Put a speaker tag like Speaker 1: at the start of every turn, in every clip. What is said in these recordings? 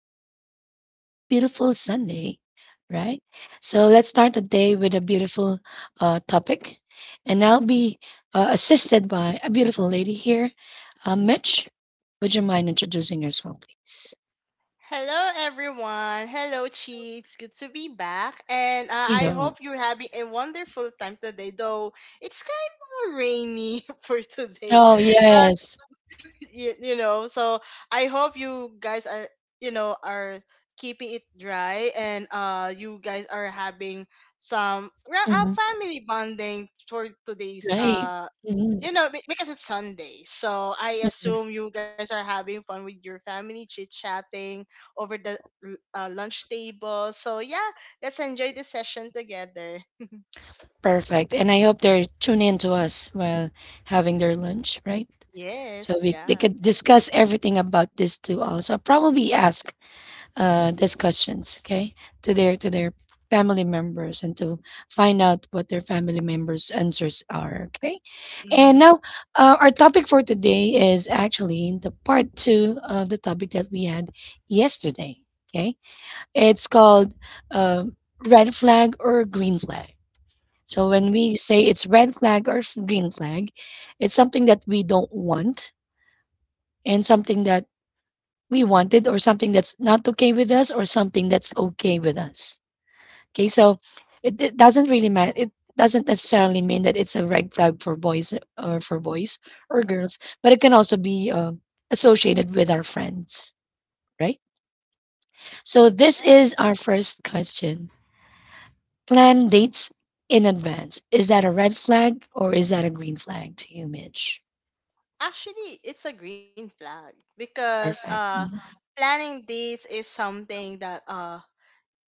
Speaker 1: Talk with G. It's a beautiful Sunday, right? So let's start the day with a beautiful topic. And I'll be assisted by a beautiful lady here. Mitch, would you mind introducing yourself, please?
Speaker 2: Hello, everyone. Hello, Cheeks. Good to be back. And
Speaker 1: You
Speaker 2: I
Speaker 1: know.
Speaker 2: hope you're having a wonderful time today, though it's kind of rainy for today.
Speaker 1: Oh,
Speaker 2: But,
Speaker 1: yes.
Speaker 2: so I hope you guys are keeping it dry and you guys are having some
Speaker 1: Mhm.
Speaker 2: family bonding for today's
Speaker 1: Right. Mhm.
Speaker 2: because it's Sunday, so I assume you guys are having fun with your family, chit chatting over the lunch table. So yeah, let's enjoy the session together.
Speaker 1: Perfect. And I hope they're tuning in to us while having their lunch, right? So
Speaker 2: Yes,
Speaker 1: we they
Speaker 2: yeah.
Speaker 1: could discuss everything about this too. Also, probably ask these questions, okay, to their family members and to find out what their family members' answers are, okay. And
Speaker 2: Mm-hmm.
Speaker 1: now, our topic for today is actually the part two of the topic that we had yesterday. Okay, it's called um red flag or green flag. So when we
Speaker 2: Ooh,
Speaker 1: say it's red flag or green flag, it's something that we don't want and something that we wanted, or something that's not okay with us or something that's okay with us. Okay, so it doesn't really matter. It doesn't necessarily mean that it's a red flag for boys, or for boys or girls, but it can also be associated with our friends, right? So this
Speaker 2: yeah.
Speaker 1: is our first question. Plan dates in advance, is that a red flag or is that a green flag to you, Mitch?
Speaker 2: Actually, it's a green flag because
Speaker 1: Perfect. Mhm.
Speaker 2: planning dates is something that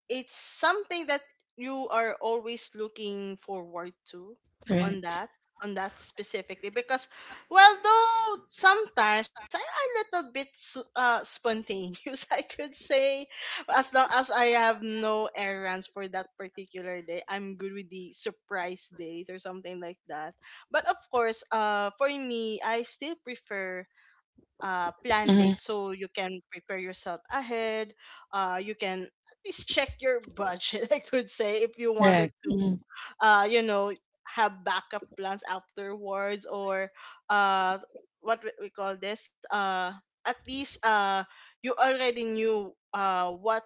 Speaker 2: it's something that you are always looking forward to on
Speaker 1: Correct.
Speaker 2: that on that specifically, because well, though sometimes I, am a little bit spontaneous, I could say, as long as I have no errands for that particular day, I'm good with the surprise days or something like that. But of course, for me, I still prefer plan dates,
Speaker 1: Mhm.
Speaker 2: so you can prepare yourself ahead, you can please check your budget, I could say, if you wanted
Speaker 1: Correct.
Speaker 2: to
Speaker 1: Mhm.
Speaker 2: uh you know have backup plans afterwards, or uh what we call this, at least you already knew what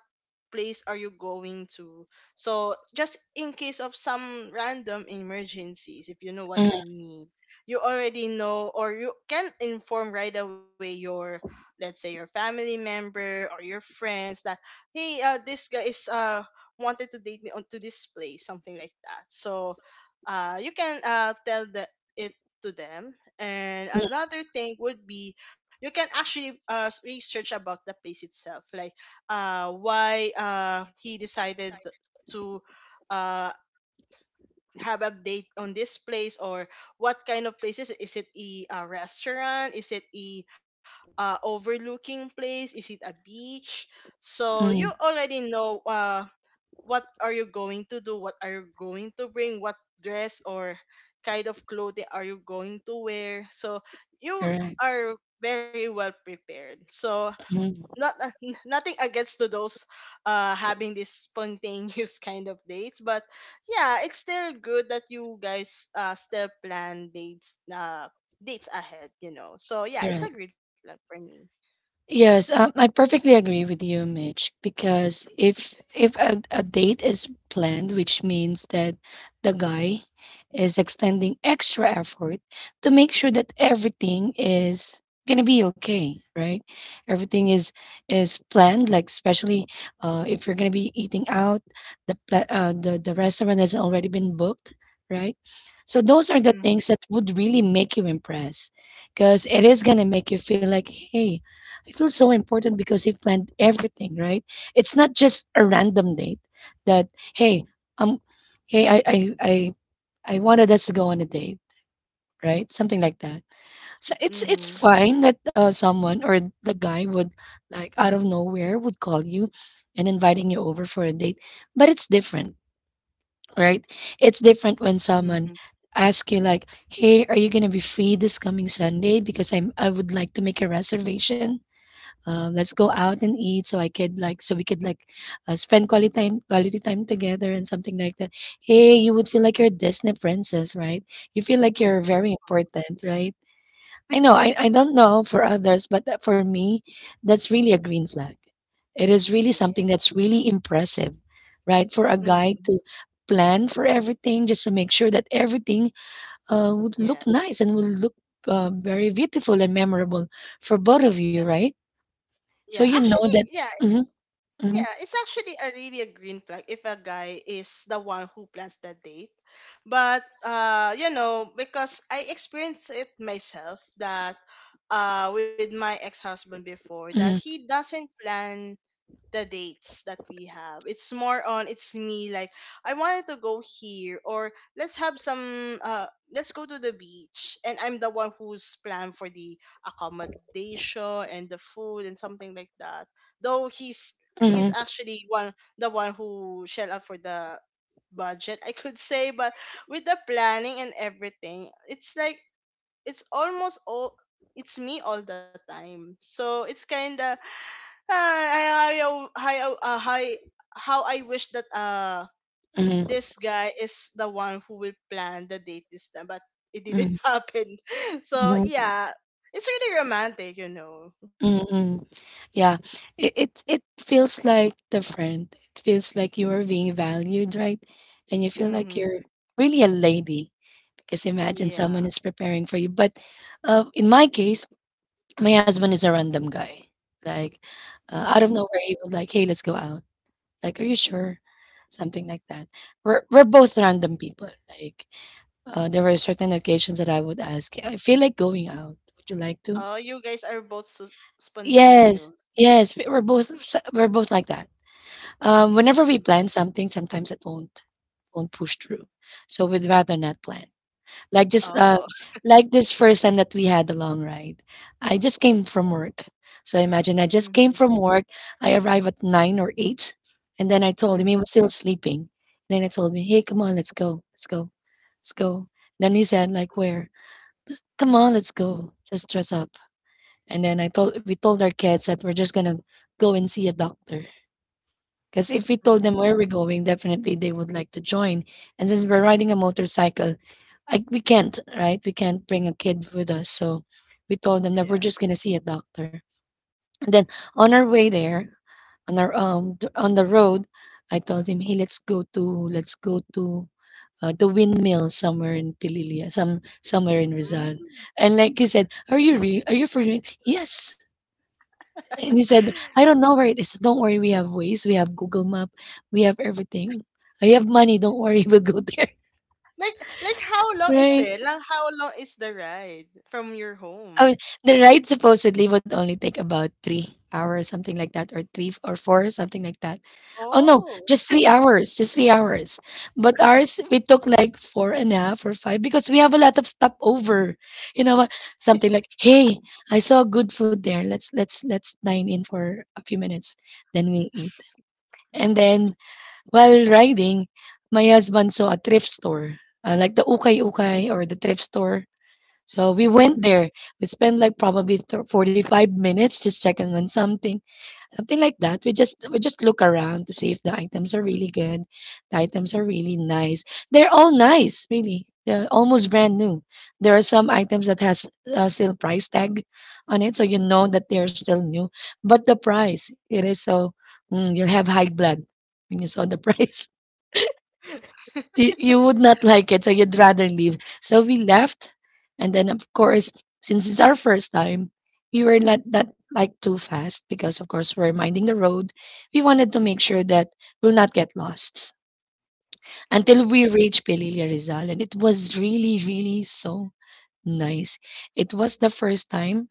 Speaker 2: place are you going to. So just in case of some random emergencies, if you know what I
Speaker 1: Mhm.
Speaker 2: mean, you already know, or you can inform right away your, let's say, your family member or your friends, that hey, this guy is wanted to date me onto this place, something like that. So you can tell the it to them. And
Speaker 1: Mhm.
Speaker 2: another thing would be, you can actually research about the place itself, like why he decided to uh have update on this place, or what kind of places is it, a restaurant, is it a overlooking place, is it a beach, so you
Speaker 1: Mhm.
Speaker 2: already know what are you going to do, what are you going to bring, what dress or kind of clothing are you going to wear, so you
Speaker 1: Correct.
Speaker 2: are very well prepared. So
Speaker 1: Mhm.
Speaker 2: not nothing against to those having this spontaneous kind of dates, but yeah, it's still good that you guys still plan dates ahead. So yeah, it's a
Speaker 1: Correct.
Speaker 2: great plan for me.
Speaker 1: Yes, I perfectly agree with you, Mitch, because if a date is planned, which means that the guy is extending extra effort to make sure that everything is gonna be okay, right? Everything is planned, like especially if you're gonna be eating out, the restaurant has already been booked, right? So those are the
Speaker 2: Mm-hmm,
Speaker 1: things that would really make you impress, because it is gonna make you feel like, hey, it feels so important because he planned everything, right? It's not just a random date that, hey, um, hey, I wanted us to go on a date, right? Something like that. So it's
Speaker 2: mm-hmm,
Speaker 1: fine that someone or the guy would, like, out of nowhere would call you and inviting you over for a date, but it's different, right? It's different when
Speaker 2: mm-hmm.
Speaker 1: someone asks you like, "Hey, are you gonna be free this coming Sunday? Because I would like to make a reservation." Let's go out and eat so I could like, so we could like spend quality time together and something like that. Hey, you would feel like you're Disney princess, right? You feel like you're very important, right? I know. I don't know for others, but for me, that's really a green flag. It is really
Speaker 2: Yeah.
Speaker 1: something that's really impressive, right? For a guy
Speaker 2: Mm-hmm.
Speaker 1: to plan for everything just to make sure that everything would
Speaker 2: Yeah,
Speaker 1: look nice and would look very beautiful and memorable for both of
Speaker 2: yeah,
Speaker 1: you, right?
Speaker 2: yeah,
Speaker 1: So you
Speaker 2: actually,
Speaker 1: know that.
Speaker 2: yeah.
Speaker 1: Mhm.
Speaker 2: Yeah,
Speaker 1: Mhm.
Speaker 2: it's actually a really a green flag if a guy is the one who plans the date. But because I experienced it myself that with my ex-husband before, that
Speaker 1: Mhm.
Speaker 2: he doesn't plan the dates that we have. It's more on, it's me, like I wanted to go here, or let's have some let's go to the beach, and I'm the one who's planned for the accommodation and the food and something like that. Though he's
Speaker 1: Mhm.
Speaker 2: actually one the one who shell out for the budget, I could say. But with the planning and everything, it's like, it's almost all, it's me all the time. So it's kinda, hi! I, oh, hi, oh, hi, how I wish that
Speaker 1: Mhm.
Speaker 2: this guy is the one who will plan the date this time, but it didn't
Speaker 1: Mhm.
Speaker 2: happen. So
Speaker 1: Mhm.
Speaker 2: yeah, it's really romantic.
Speaker 1: Mhm. Yeah, it feels like different. It feels like you are being valued, right? And you feel like
Speaker 2: Mm-hmm.
Speaker 1: you're really a lady, because imagine
Speaker 2: Yeah.
Speaker 1: someone is preparing for you. But in my case, my husband is a random guy. Like, out of
Speaker 2: Mm-hmm.
Speaker 1: nowhere, he would like, "Hey, let's go out." Like, "Are you sure?" Something like that. We're both random people. Like, there were certain occasions that I would ask, "Yeah, I feel like going out. Would you like to?"
Speaker 2: Oh, you guys are both so spontaneous.
Speaker 1: Yes, yes, we're both we're both like that. Whenever
Speaker 2: Mm.
Speaker 1: we plan something, sometimes it won't push through, so we'd rather not plan. Like just
Speaker 2: Oh.
Speaker 1: like this first time that we had the long ride, I just came from work. So imagine I just
Speaker 2: Mm-hmm.
Speaker 1: came from work. I arrive at nine or eight, and then I told him
Speaker 2: Mm-hmm.
Speaker 1: he was still sleeping. And then I told him, "Hey, come on, let's go, let's go, let's go." Then he said, "Like where?" Just come on, let's go. Let's dress up. And then I told we told our kids that we're just gonna go and see a doctor. Because if we told them
Speaker 2: Mm-hmm.
Speaker 1: where we're going, definitely they would like to join. And since we're riding a motorcycle, we can't, right? We can't bring a kid with us. So we told them that we're
Speaker 2: Yeah.
Speaker 1: just gonna see a doctor. And then on our way there, on our on the road, I told him, hey, let's go to the windmill somewhere in Pililia, somewhere in Rizal.
Speaker 2: Mm.
Speaker 1: And like he said, "Are you real? Are you for real?" Yes. And he said, "I don't know where it is. Don't worry, we have ways. We have Google Map. We have everything. I have money. Don't worry, we'll go there."
Speaker 2: Like how long is
Speaker 1: Right?
Speaker 2: it? Like how long is the ride from your
Speaker 1: Oh,
Speaker 2: home?
Speaker 1: the ride supposedly would only take about 3 hours, something like that, or 3 or 4, something like that. Oh, no,
Speaker 2: Oh.
Speaker 1: just 3 hours, just 3 hours. But ours, we took like four and a half or 5 because we have a lot of stopover. You know what? Something like, "Hey, I saw good food there. Let's dine in for a few minutes, then we'll eat." And then while riding, my husband saw a thrift store. Like the ukay ukay or the thrift store, so we went
Speaker 2: Mhm,
Speaker 1: there. We spent like probably 45 minutes just checking on something, something like that. We just look around to see if the items are
Speaker 2: mhm,
Speaker 1: really good. The items are really nice. They're all nice, really. They're almost brand new. There are some items that has still price tag on it, so you know that they're still new. But the price, it is so you'll have high blood when you saw the price, you would not like it, so you'd rather leave. So we left, and then of course, since it's our first time, we were not that like too fast because of course we're minding the road. We wanted to make
Speaker 2: mhm.
Speaker 1: sure that we'll not get lost until
Speaker 2: Oh.
Speaker 1: we reach Pelilia Rizal, and it was really, really so nice. It was the first time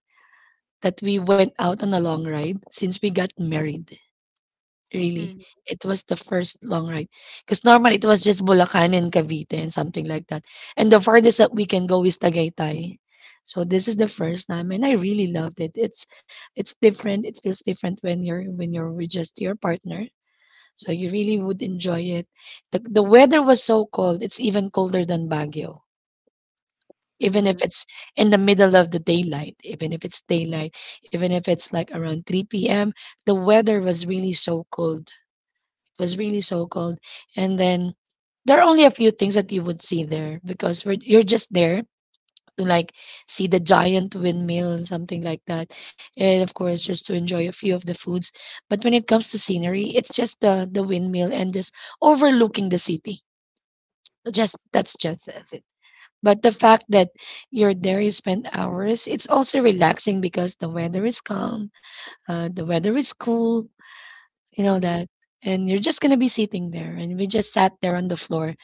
Speaker 1: that we went out on a long ride since we got married.
Speaker 2: Mhm,
Speaker 1: Really, it was the first long ride, cause normally it was just Bulacan and Cavite and something like that, and the farthest that we can go is Tagaytay. So this is the first time, and I really loved it. It's different. It feels different when you're with just your partner. So you really would enjoy it. The weather was so cold. It's even colder than Baguio. Even if
Speaker 2: mhm,
Speaker 1: it's in the middle of the daylight, even if it's daylight, even if it's like around 3 p.m., the weather was really so cold, it was really so cold. And then there are only a few things that you would see there because you're just there to like see the giant windmill and something like that. And of course, just to enjoy a few of the foods. But when it comes to scenery, it's just the windmill and just overlooking the city. Just that's just as it. But the fact that you're there, you spend hours. It's also relaxing because the weather is calm, the weather is cool, you know
Speaker 2: mhm.
Speaker 1: that. And you're just gonna be sitting there, and we just sat there on the floor,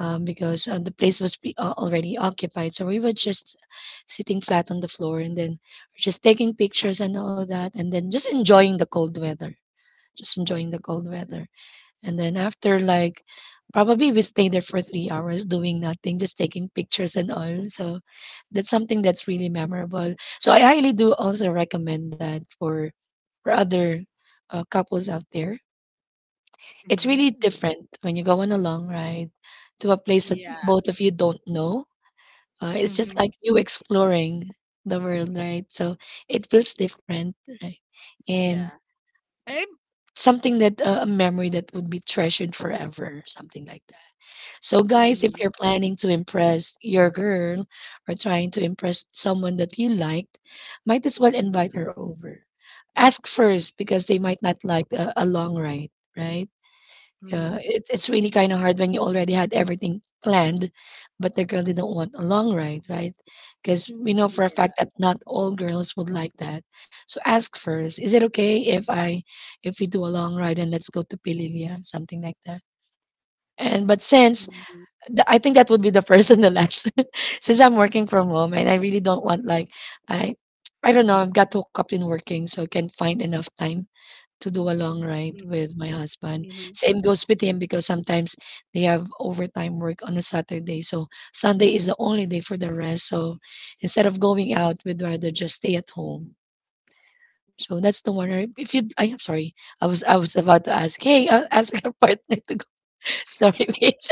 Speaker 1: because the place was already occupied. So we were just sitting flat on the floor, and then just taking pictures and all that, and then just enjoying the cold weather, just enjoying the cold weather. And then after like probably we stayed there for 3 hours doing nothing, just taking pictures and all. So that's something that's really memorable. So I highly do also recommend that for other couples out there, it's really
Speaker 2: Mm.
Speaker 1: different when you go on a long ride to a place that
Speaker 2: Yeah.
Speaker 1: both of you don't know. It's just
Speaker 2: Mhm.
Speaker 1: like you exploring the world, right? So it feels different, right?
Speaker 2: Yeah.
Speaker 1: And right? Something that a memory that would be treasured forever, something like that. So, guys, if
Speaker 2: Mhm.
Speaker 1: you're planning to impress your girl or trying to impress someone that you liked, might as well invite
Speaker 2: Mm.
Speaker 1: her over. Ask first because they might not like a long ride, right?
Speaker 2: Mhm.
Speaker 1: Yeah, it's really kind of hard when you already had everything planned, but the girl didn't want a long ride, right? Because we know for a
Speaker 2: Yeah.
Speaker 1: fact that not all girls would like that. So ask first, is it okay if I if we do a long ride and let's go to Pililia, something like that? And but since
Speaker 2: Mhm,
Speaker 1: th- I think that would be the first and the last, since I'm working from home and I really don't want like I I don't know, I've got hooked up in working, so I can find enough time to do a long ride
Speaker 2: mhm,
Speaker 1: with my husband.
Speaker 2: mhm.
Speaker 1: Same goes with him because sometimes they have overtime work on a Saturday. So Sunday is the only day for the rest. So instead of going out, we'd rather just stay at home. So that's the one. I- If you, I, am sorry, I was about to ask. Hey, I'll ask your partner to go. Sorry, Mitch.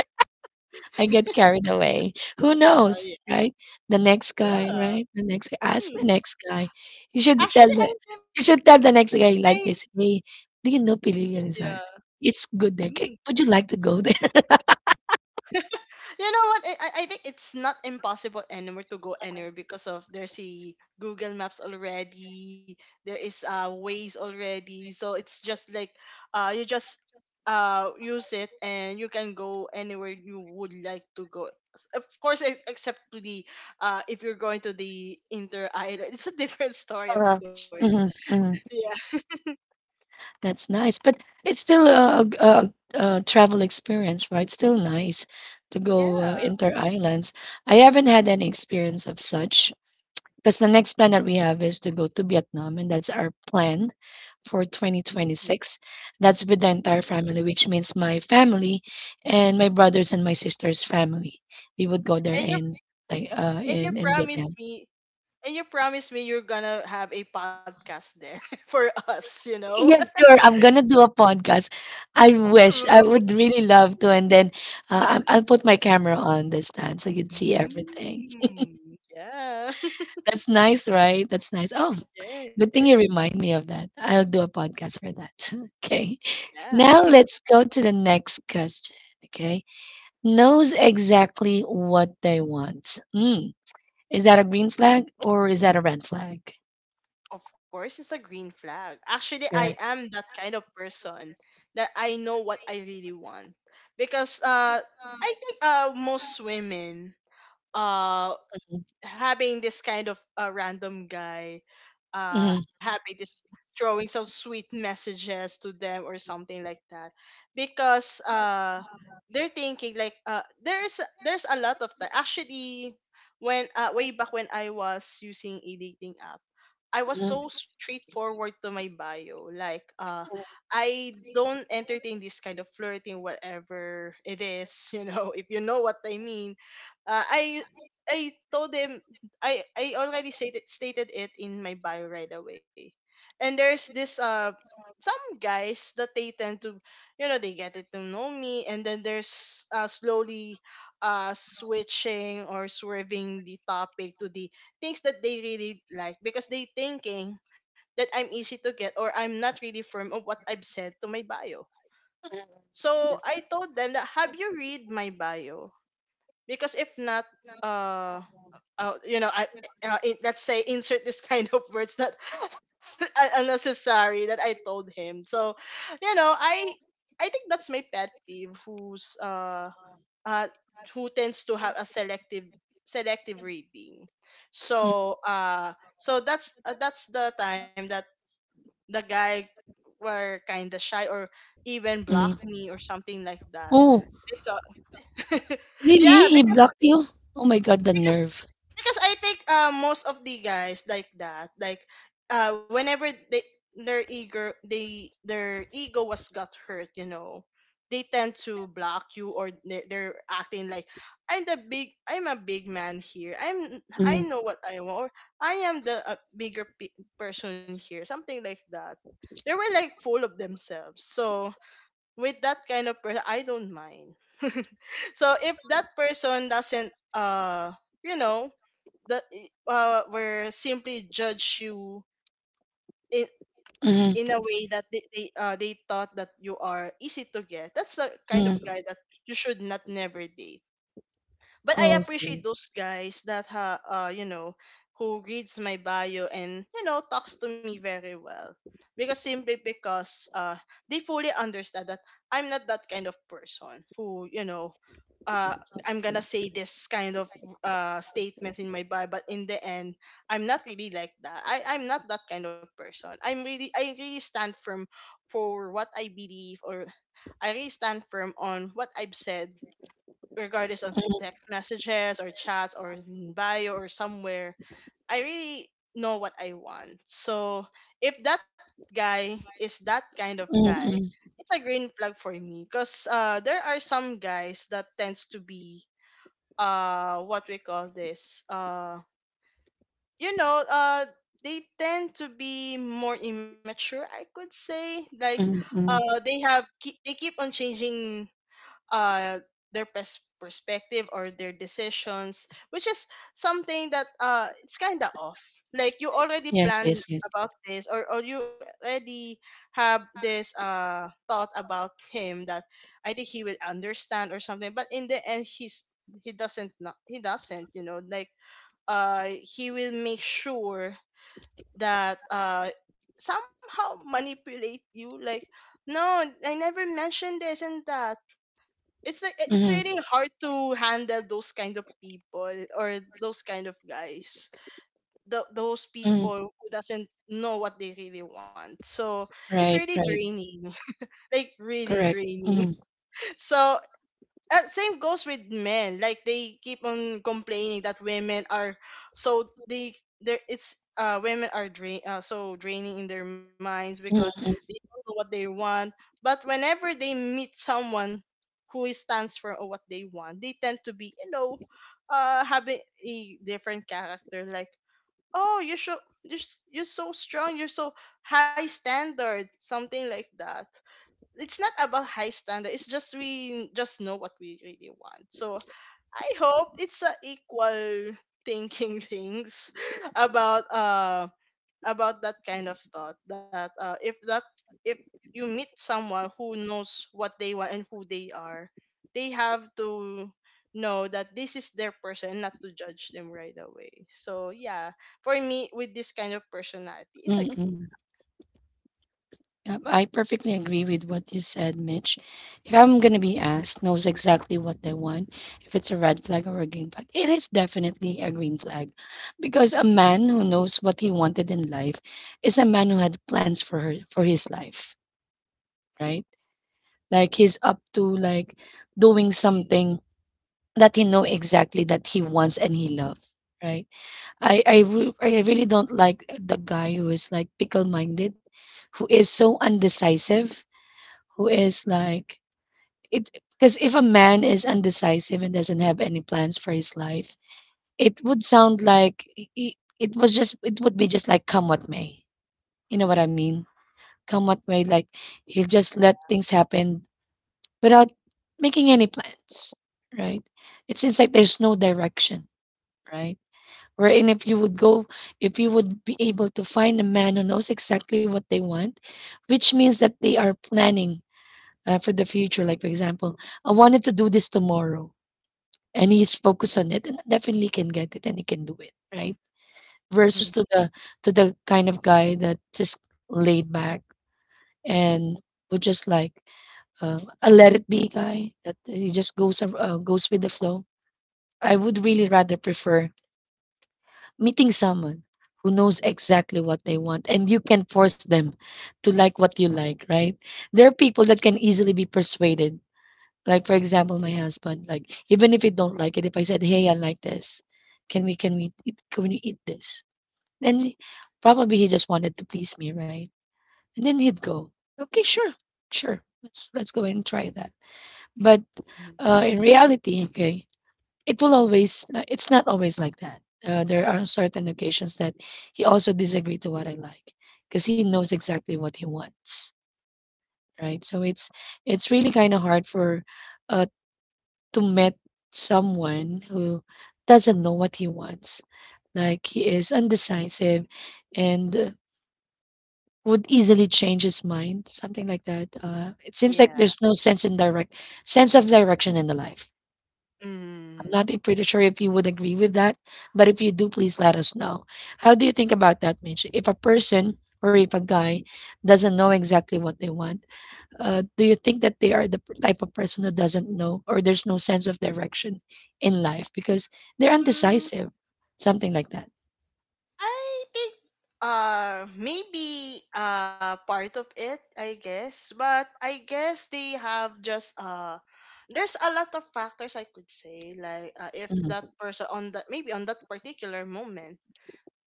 Speaker 1: I get carried away. Who
Speaker 2: Oh
Speaker 1: knows,
Speaker 2: yeah.
Speaker 1: right? The next guy,
Speaker 2: Yeah.
Speaker 1: right? The next guy. Ask the
Speaker 2: Mm.
Speaker 1: next guy. You should tell
Speaker 2: Actually,
Speaker 1: the
Speaker 2: I never.
Speaker 1: you should tell the next
Speaker 2: I
Speaker 1: guy like this. Hey, do you know Pililio Rizal?
Speaker 2: Yeah.
Speaker 1: It's good there.
Speaker 2: Mm.
Speaker 1: Would you like to go there?
Speaker 2: You know what? I think it's not impossible anymore to go anywhere, because of there's a Google Maps already. There is ways already. So it's just like you just use it, and you can go anywhere you would like to go. Of course, except to the if you're going to the inter island, it's a different story, of course.
Speaker 1: hmm
Speaker 2: Yeah,
Speaker 1: That's nice, but it's still a travel experience, right? Still nice to go
Speaker 2: yeah.
Speaker 1: inter islands. I haven't had any experience of such. Because the next plan that we have is to go to Vietnam, and that's our plan for
Speaker 2: Mhm.
Speaker 1: 2026. That's with the entire family, which means my family and my brothers and my sister's family. We would go there
Speaker 2: And you
Speaker 1: in like uh
Speaker 2: and you
Speaker 1: in, in
Speaker 2: promised
Speaker 1: Vietnam.
Speaker 2: me you're gonna have a podcast there for us, you know?
Speaker 1: Yeah, sure. I'm gonna do a podcast. I wish I
Speaker 2: Ooh.
Speaker 1: would really love to, and then I'll put my camera on this time so you can see everything.
Speaker 2: Mm. Yeah.
Speaker 1: That's nice, right? That's nice. Oh, good
Speaker 2: Yes.
Speaker 1: thing you remind me of that. I'll do a podcast for that. Okay.
Speaker 2: Yeah.
Speaker 1: Now let's go to the next question. Okay. Knows exactly what they want. Mm. Is that a green flag or is that a red flag?
Speaker 2: Of course, it's a green flag. Actually, I
Speaker 1: Right.
Speaker 2: am that kind of person that I know what I really want, because I think most women uh having this kind of random guy
Speaker 1: Mm,
Speaker 2: having this throwing some sweet messages to them or something like that, because they're thinking like there's a lot of that, actually, when way back when I was using a dating app, I was
Speaker 1: mm,
Speaker 2: so straightforward to my bio, like I don't entertain this kind of flirting, whatever it is, you know if what I mean, uh, I I told him, I already stated it in my bio right away. And there's this some guys that they tend to, they get it to know me, and then there's slowly switching or swerving the topic to the things that they really like, because they thinking that I'm easy to get, or I'm not really firm of what I've said to my bio. So I told them that, have you read my bio? Because if not, uh uh, you know, I, let's say insert this kind of words that are unnecessary, that I told him. So, you know, I I think that's my pet peeve, uh who tends to have a selective reading.
Speaker 1: mm,
Speaker 2: So that's the time that the guy were kind of shy, or even
Speaker 1: mm.
Speaker 2: blocked me or something like that.
Speaker 1: Oh,
Speaker 2: Because,
Speaker 1: really?
Speaker 2: yeah,
Speaker 1: He blocked you? Oh my God, the
Speaker 2: because
Speaker 1: nerve.
Speaker 2: because I think most of the guys like that, like whenever they their ego was got hurt, you know, they tend to block you, or they're acting like, I'm the big, I'm a big man here. I'm I
Speaker 1: Mm,
Speaker 2: know what I want. Or I am the bigger person here, something like that. They were like full of themselves. So with that kind of person, I don't mind. So if that person doesn't, you know, the were simply judge you in in a
Speaker 1: mm,
Speaker 2: way that they thought that you are easy to get. That's the kind of
Speaker 1: mm.
Speaker 2: guy that you should not never date. But I appreciate
Speaker 1: Okay.
Speaker 2: those guys that ha you know who reads my bio, and talks to me very well, because simply because they fully understand that I'm not that kind of person who, uh I'm gonna say this kind of statements in my bio, but in the end I'm not really like that. I'm not that kind of person. I really stand firm for what I believe, or I really stand firm on what I've said, regardless of text messages or chats or in bio or somewhere, I really know what I want. So if that guy is that kind of
Speaker 1: Mm,
Speaker 2: guy,
Speaker 1: mm,
Speaker 2: it's a green flag for me, because there are some guys that tends to be what we call this you know they tend to be more immature, I could say, like
Speaker 1: mm, mm.
Speaker 2: they keep on changing uh their perspective or their decisions, which is something that it's kind of off, like you already
Speaker 1: Yes,
Speaker 2: plan
Speaker 1: yes, yes.
Speaker 2: about this, or you already have this thought about him, that I think he will understand or something, but in the end he doesn't, not he doesn't, like he will make sure that somehow manipulate you, like no, I never mentioned this and that. It's like it's really hard to handle those kind of people or those kind of guys. Th those
Speaker 1: Mm.
Speaker 2: people who doesn't know what they really want, so it's really
Speaker 1: Right, right.
Speaker 2: draining like really
Speaker 1: Correct.
Speaker 2: draining.
Speaker 1: Mm,
Speaker 2: So same goes with men. Like they keep on complaining that women are so they drain so draining in their minds, because
Speaker 1: mm,
Speaker 2: they
Speaker 1: mm,
Speaker 2: don't know what they want. But whenever they meet someone who stands for what they want, they tend to be, having a different character. Like, oh, you should, you're so strong, you're so high standard, something like that. It's not about high standard, it's just we just know what we really want. So I hope it's a equal thinking things about uh about that kind of thought that if that if you meet someone who knows what they want and who they are, they have to know that this is their person and not to judge them right away. So yeah, for me, with this kind of personality, it's a
Speaker 1: mm, mm. Yep, I perfectly agree with what you said, Mitch. If I'm going to be asked, knows exactly what they want, if it's a red flag or a green flag, it is definitely a green flag. Because a man who knows what he wanted in life is a man who had plans for her, for his life, right? Like he's up to like doing something that he know exactly that he wants and he loves, right? I really don't like the guy who is like pickle minded, who is so undecisive, who is like it because if a man is undecisive and doesn't have any plans for his life, it would sound like it would be just like come what may. You know what I mean? Come what may, like he'll just let things happen without making any plans, right? It seems like there's no direction, right? wherein if you would go If you would be able to find a man who knows exactly what they want, which means that they are planning for the future, like for example, I wanted to do this tomorrow and he's focused on it and definitely can get it and he can do it, right? Versus
Speaker 2: mm,
Speaker 1: to the kind of guy that just laid back and would just like a let it be guy that he just goes with the flow. I would really rather prefer meeting someone who knows exactly what they want and you can force them to like what you like, right? There are people that can easily be persuaded, like for example my husband, like even if you don't like it, if I said hey, I like this, can we eat this? Then probably he just wanted to please me, right? And then he'd go, okay, sure, let's go ahead and try that. But
Speaker 2: mm,
Speaker 1: in reality, okay, it will always no, it's not always like that. There are certain occasions that he also disagree to what I like because he knows exactly what he wants, right? So it's really kind of hard for uh to meet someone who doesn't know what he wants. Like he is undecisive and would easily change his mind, something like that. It seems like
Speaker 2: yeah
Speaker 1: there's no sense of direction in the life. I'm
Speaker 2: mm.
Speaker 1: not e- pretty sure if you would agree with that, but if you do, please let us know. How do you think about that, Mitch? If a guy doesn't know exactly what they want, do you think that they are the type of person who doesn't know or there's no sense of direction in life because they're
Speaker 2: Mm,
Speaker 1: undecisive, something like that?
Speaker 2: I think maybe part of it, I guess. But I guess they have just there's a lot of factors I could say. Like if that
Speaker 1: Mhm,
Speaker 2: person on that, maybe on that particular moment,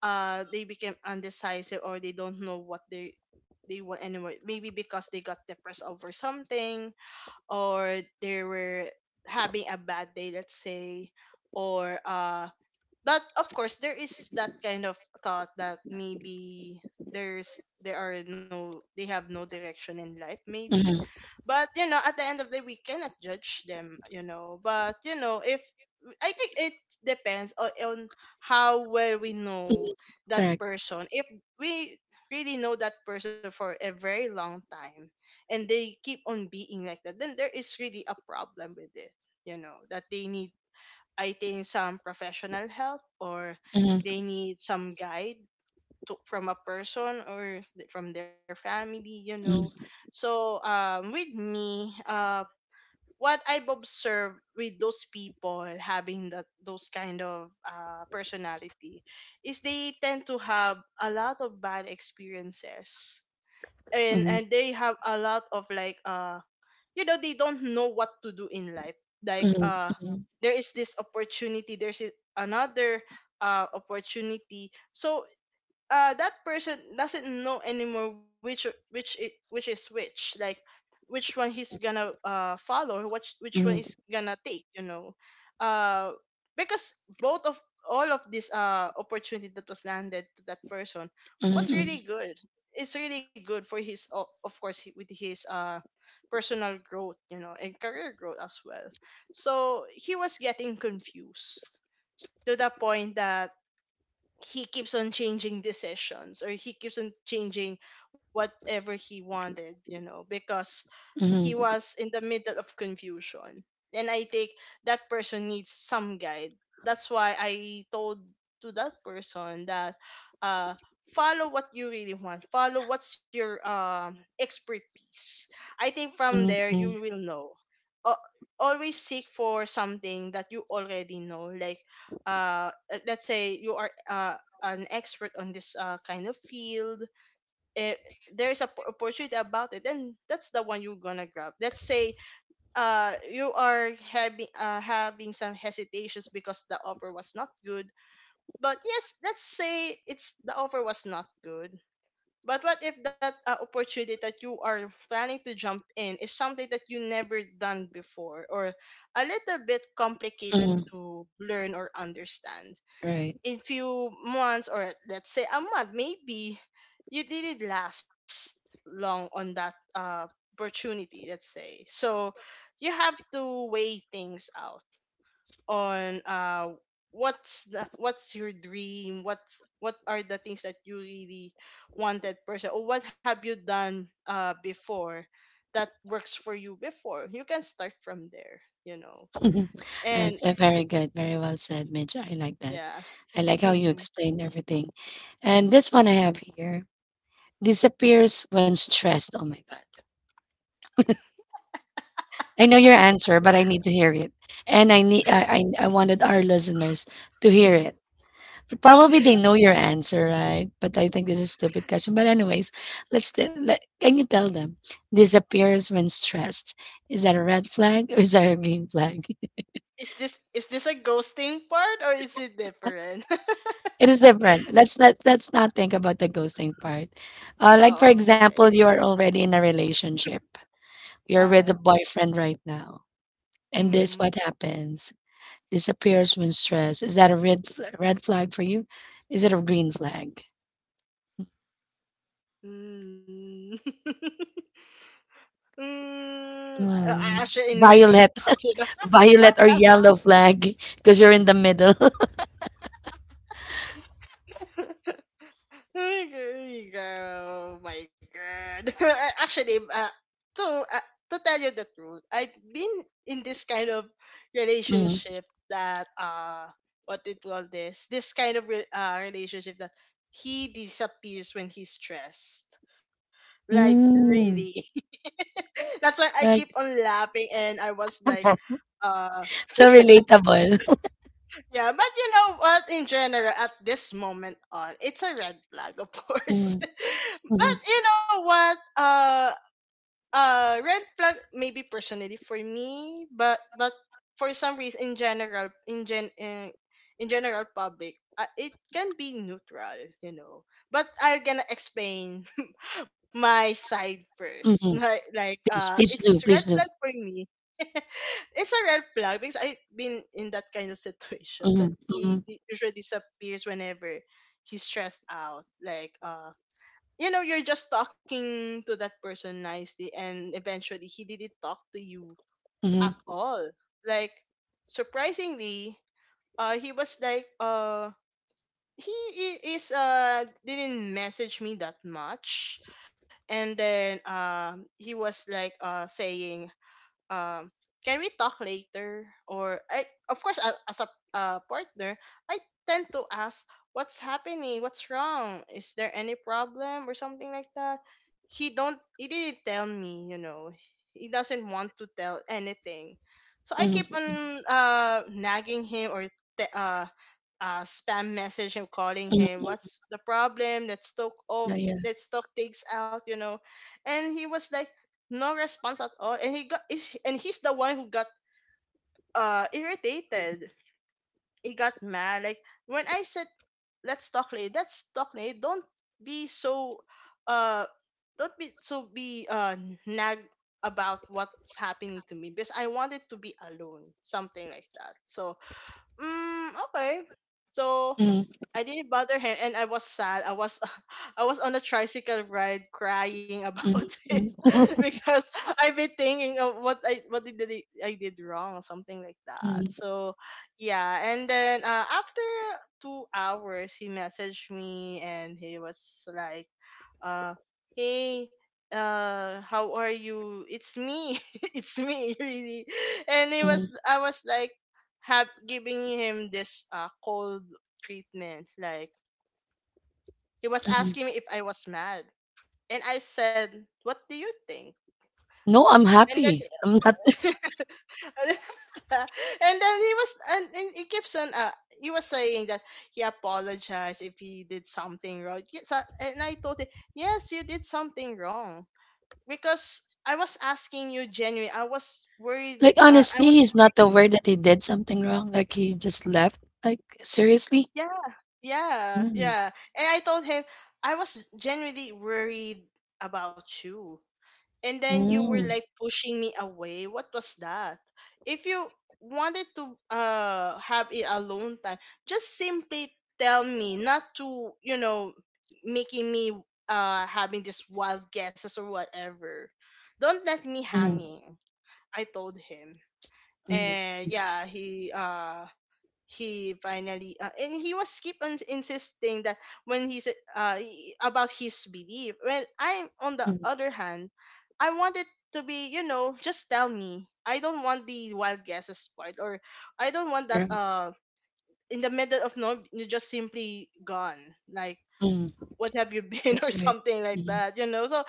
Speaker 2: they became undecisive or they don't know what they want anymore. Maybe because they got depressed over something, or they were having a bad day, let's say, or but of course there is that kind of thought that maybe there are no they have no direction in life maybe.
Speaker 1: mhm,
Speaker 2: But you know, at the end of the day, we cannot judge them, you know. But you know, if I think it depends on how well we know
Speaker 1: mhm.
Speaker 2: that
Speaker 1: Correct.
Speaker 2: person. If we really know that person for a very long time and they keep on being like that, then there is really a problem with it. You know that they need, I think, some professional help, or
Speaker 1: Mhm,
Speaker 2: they need some guide to, from a person or from their family, you know.
Speaker 1: mhm,
Speaker 2: So with me, what I've observed with those people having that those kind of personality is they tend to have a lot of bad experiences, and
Speaker 1: mhm,
Speaker 2: they have a lot of like, you know, they don't know what to do in life, like
Speaker 1: mhm,
Speaker 2: uh, there is this opportunity, there's another opportunity. So that person doesn't know anymore which it which is which, like which one he's gonna follow, or which one
Speaker 1: mhm,
Speaker 2: is gonna take, you know. uh because both of all of this opportunity that was landed to that person
Speaker 1: mhm,
Speaker 2: was
Speaker 1: mhm,
Speaker 2: really good. It's really good for of course with his personal growth, you know, and career growth as well. So he was getting confused to the point that he keeps on changing decisions, or he keeps on changing whatever he wanted, you know, because he
Speaker 1: mhm,
Speaker 2: was in the middle of confusion. And I think that person needs some guide. That's why I told to that person that uh follow what you really want. Follow what's your expertise. I think from
Speaker 1: mhm,
Speaker 2: there you
Speaker 1: mhm,
Speaker 2: will know. Uh, always seek for something that you already know, like uh uh, let's say you are an expert on this kind of field. If there's a opportunity about it, then that's the one you're gonna grab. Let's say you are having some hesitations because the offer was not good. But yes, let's say it's the offer was not good, but what if that opportunity that you are planning to jump in is something that you never done before, or a little bit complicated
Speaker 1: mhm.
Speaker 2: to learn or understand
Speaker 1: Right.
Speaker 2: in few months, or let's say a month maybe you didn't last long on that opportunity, let's say. So you have to weigh things out on what's what's your dream, what's what are the things that you really wanted person, or what have you done before that works for you before, you can start from there, you know.
Speaker 1: Right,
Speaker 2: And
Speaker 1: very good. Very well said, Mitch. I like that.
Speaker 2: yeah.
Speaker 1: I like how you explained everything. And this one I have here, disappears when stressed. Oh my God. I know your answer, but I need to hear it. And I need I wanted our listeners to hear it. Probably they know your answer, right? But I think this is a stupid question. But anyways, can you tell them, disappears when stressed? Is that a red flag or is that a green flag?
Speaker 2: Is this a ghosting part, or is it different?
Speaker 1: It is different. Let's not think about the ghosting part. Like for
Speaker 2: Oh, okay.
Speaker 1: example, you are already in a relationship.
Speaker 2: Uh
Speaker 1: You're
Speaker 2: huh.
Speaker 1: with a boyfriend right now, and this
Speaker 2: Mm-hmm.
Speaker 1: what happens? Disappears when stressed. Is that a red flag for you? Is it a green flag?
Speaker 2: Mm. mm.
Speaker 1: Mm.
Speaker 2: Actually, in my deep
Speaker 1: Violet,
Speaker 2: thoughts, you know.
Speaker 1: violet or yellow flag because you're in the middle.
Speaker 2: There you go. Oh my God. I- Actually, to uh, to tell you the truth, I've been in this kind of
Speaker 1: Mm.
Speaker 2: relationship that what it call this? This kind of relationship that he disappears when he's stressed. Like really.
Speaker 1: Mm.
Speaker 2: That's why I keep on
Speaker 1: Like
Speaker 2: laughing and I was like, uh
Speaker 1: so relatable.
Speaker 2: yeah, but you know what, in general at this moment on, it's a red flag of course.
Speaker 1: Mm, mhm,
Speaker 2: But you know what? Red flag maybe personally for me, but for some reason in general, in general public, it can be neutral, you know. But I'm gonna explain my side first.
Speaker 1: mhm.
Speaker 2: Like,
Speaker 1: Please, please
Speaker 2: it's
Speaker 1: do,
Speaker 2: red
Speaker 1: please
Speaker 2: flag
Speaker 1: do.
Speaker 2: for me. It's a red flag because I've been in that kind of situation that
Speaker 1: Mm-hmm, mm-hmm,
Speaker 2: usually disappears whenever he's stressed out, like uh, you know, you're just talking to that person nicely, and eventually he didn't talk to you at
Speaker 1: mm-hmm.
Speaker 2: all, like surprisingly. Uh, he was like he I- is didn't message me that much, and then um, he was like saying um, can we talk later? Or I, of course I, as a partner, I tend to ask, what's happening? What's wrong? Is there any problem or something like that? He didn't tell me, you know. He doesn't want to tell anything. So I keep on
Speaker 1: Mm-hmm.
Speaker 2: nagging him, or te- uh spam message him, calling him, what's the problem? Let's talk,
Speaker 1: Yeah,
Speaker 2: of
Speaker 1: yeah.
Speaker 2: let's talk things out, you know. And he was like no response at all. And he's the one who got irritated. He got mad, like, when I said let's talk later, let's talk later, be so uh don't be so be nag about what's happening to me because I wanted to be alone, something like that. So mm, okay. So
Speaker 1: Mm,
Speaker 2: I didn't bother him, and I was sad. I was on a tricycle ride crying
Speaker 1: mm,
Speaker 2: about it
Speaker 1: mm,
Speaker 2: because I've been thinking of what I what did I did wrong, something like that.
Speaker 1: mm,
Speaker 2: So yeah. And then after 2 hours, he messaged me, and he was like uh, hey, uh, how are you? It's me. It's me, really. And it was,
Speaker 1: mm,
Speaker 2: I was like, have giving him this cold treatment, like, he was
Speaker 1: mm.
Speaker 2: asking me if I was mad, and I said, what do you think?
Speaker 1: No, I'm
Speaker 2: And then
Speaker 1: happy. I'm not.
Speaker 2: and then he was, and he keeps on he was saying that he apologized if he did something wrong. Yes, and I told him, yes, you did something wrong, because I was asking you genuinely. I was worried.
Speaker 1: Like
Speaker 2: I
Speaker 1: honestly,
Speaker 2: was
Speaker 1: he's not
Speaker 2: worried.
Speaker 1: aware that he did something wrong. Like he just left. Like seriously.
Speaker 2: Yeah, yeah,
Speaker 1: Mm,
Speaker 2: yeah. And I told him, I was genuinely worried about you. And then you were
Speaker 1: mm,
Speaker 2: like pushing me away. What was that? If you wanted to have a alone time, just simply tell me, not to, you know, making me having these wild guesses or whatever. Don't let me
Speaker 1: mm,
Speaker 2: hanging. I told him.
Speaker 1: mm,
Speaker 2: And yeah, he finally and he was keep on insisting that when he's about his belief. Well, I'm on the
Speaker 1: mm.
Speaker 2: other hand, I wanted to be, you know, just tell me, I don't want the wild guesses part, or I don't want that
Speaker 1: Right.
Speaker 2: in the middle of no, you just simply gone, like
Speaker 1: Mm,
Speaker 2: what have you been, or
Speaker 1: that's right.
Speaker 2: something like
Speaker 1: Mm,
Speaker 2: that, you know. So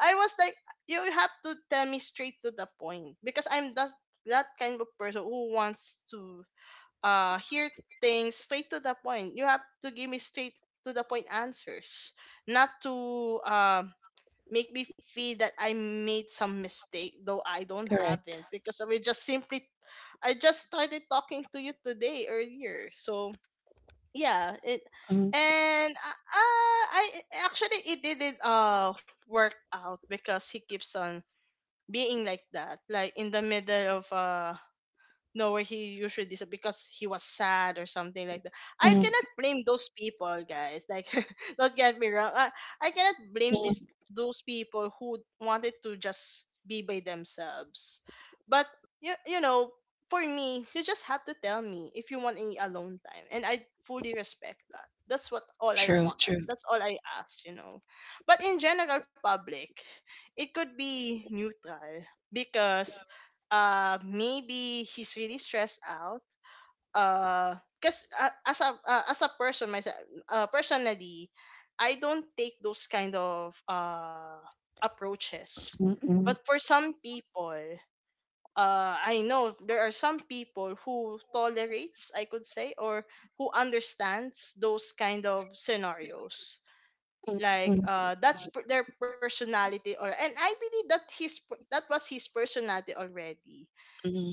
Speaker 2: I was like, you have to tell me straight to the point, because I'm that kind of person who wants to hear things straight to the point. You have to give me straight to the point answers, not to um, make me feel that I made some mistake, though I don't
Speaker 1: correct.
Speaker 2: haven't, because we just simply, I just started talking to you today earlier. So yeah, it,
Speaker 1: Mm,
Speaker 2: and I, actually it didn't work out, because he keeps on being like that, like in the middle of know where he usually dis, because he was sad or something like that. I
Speaker 1: mm,
Speaker 2: cannot blame those people, guys. Like, don't get me wrong. I cannot blame
Speaker 1: mm.
Speaker 2: these those people who wanted to just be by themselves. But you know, for me, you just have to tell me if you want any alone time, and I fully respect that. That's what all I
Speaker 1: True.
Speaker 2: want.
Speaker 1: True.
Speaker 2: That's all I ask, you know. But in general public, it could be neutral because maybe he's really stressed out, because as a as a person myself, personally I don't take those kind of approaches.
Speaker 1: Mm, mm,
Speaker 2: But for some people, I know there are some people who tolerates, I could say, or who understands those kind of scenarios,
Speaker 1: mm,
Speaker 2: like
Speaker 1: mm,
Speaker 2: uh, that's their personality, or and I believe that that was his personality already.
Speaker 1: mm.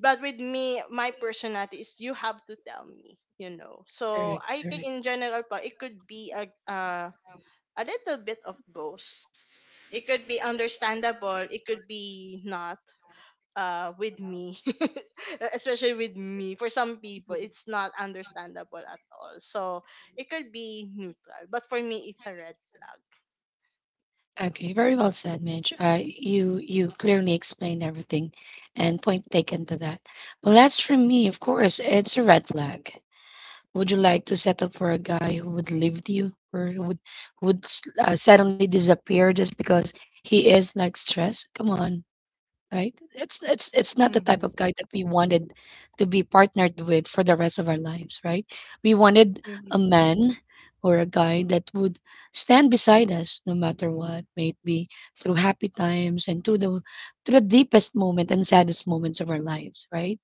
Speaker 2: But with me, my personality is you have to tell me, you know. So
Speaker 1: Correct.
Speaker 2: I think
Speaker 1: Correct.
Speaker 2: in general, pa, it could be a little bit of both. It could be understandable. It could be not. With me, especially with me, for some people, it's not understandable at all. So it could be neutral, but for me, it's a red flag.
Speaker 1: Okay, very well said, Mitch. You clearly explained everything, and point taken to that. Well, as for me, of course, it's a red flag. Would you like to settle for a guy who would leave you, or who would suddenly disappear just because he is like stressed? Come on. Right? It's not the type
Speaker 2: Mm-hmm.
Speaker 1: of guy that we wanted to be partnered with for the rest of our lives, right? We wanted a
Speaker 2: Mm-hmm.
Speaker 1: man or a guy that would stand beside us no matter what, may be through happy times and through the deepest moment and saddest moments of our lives, right?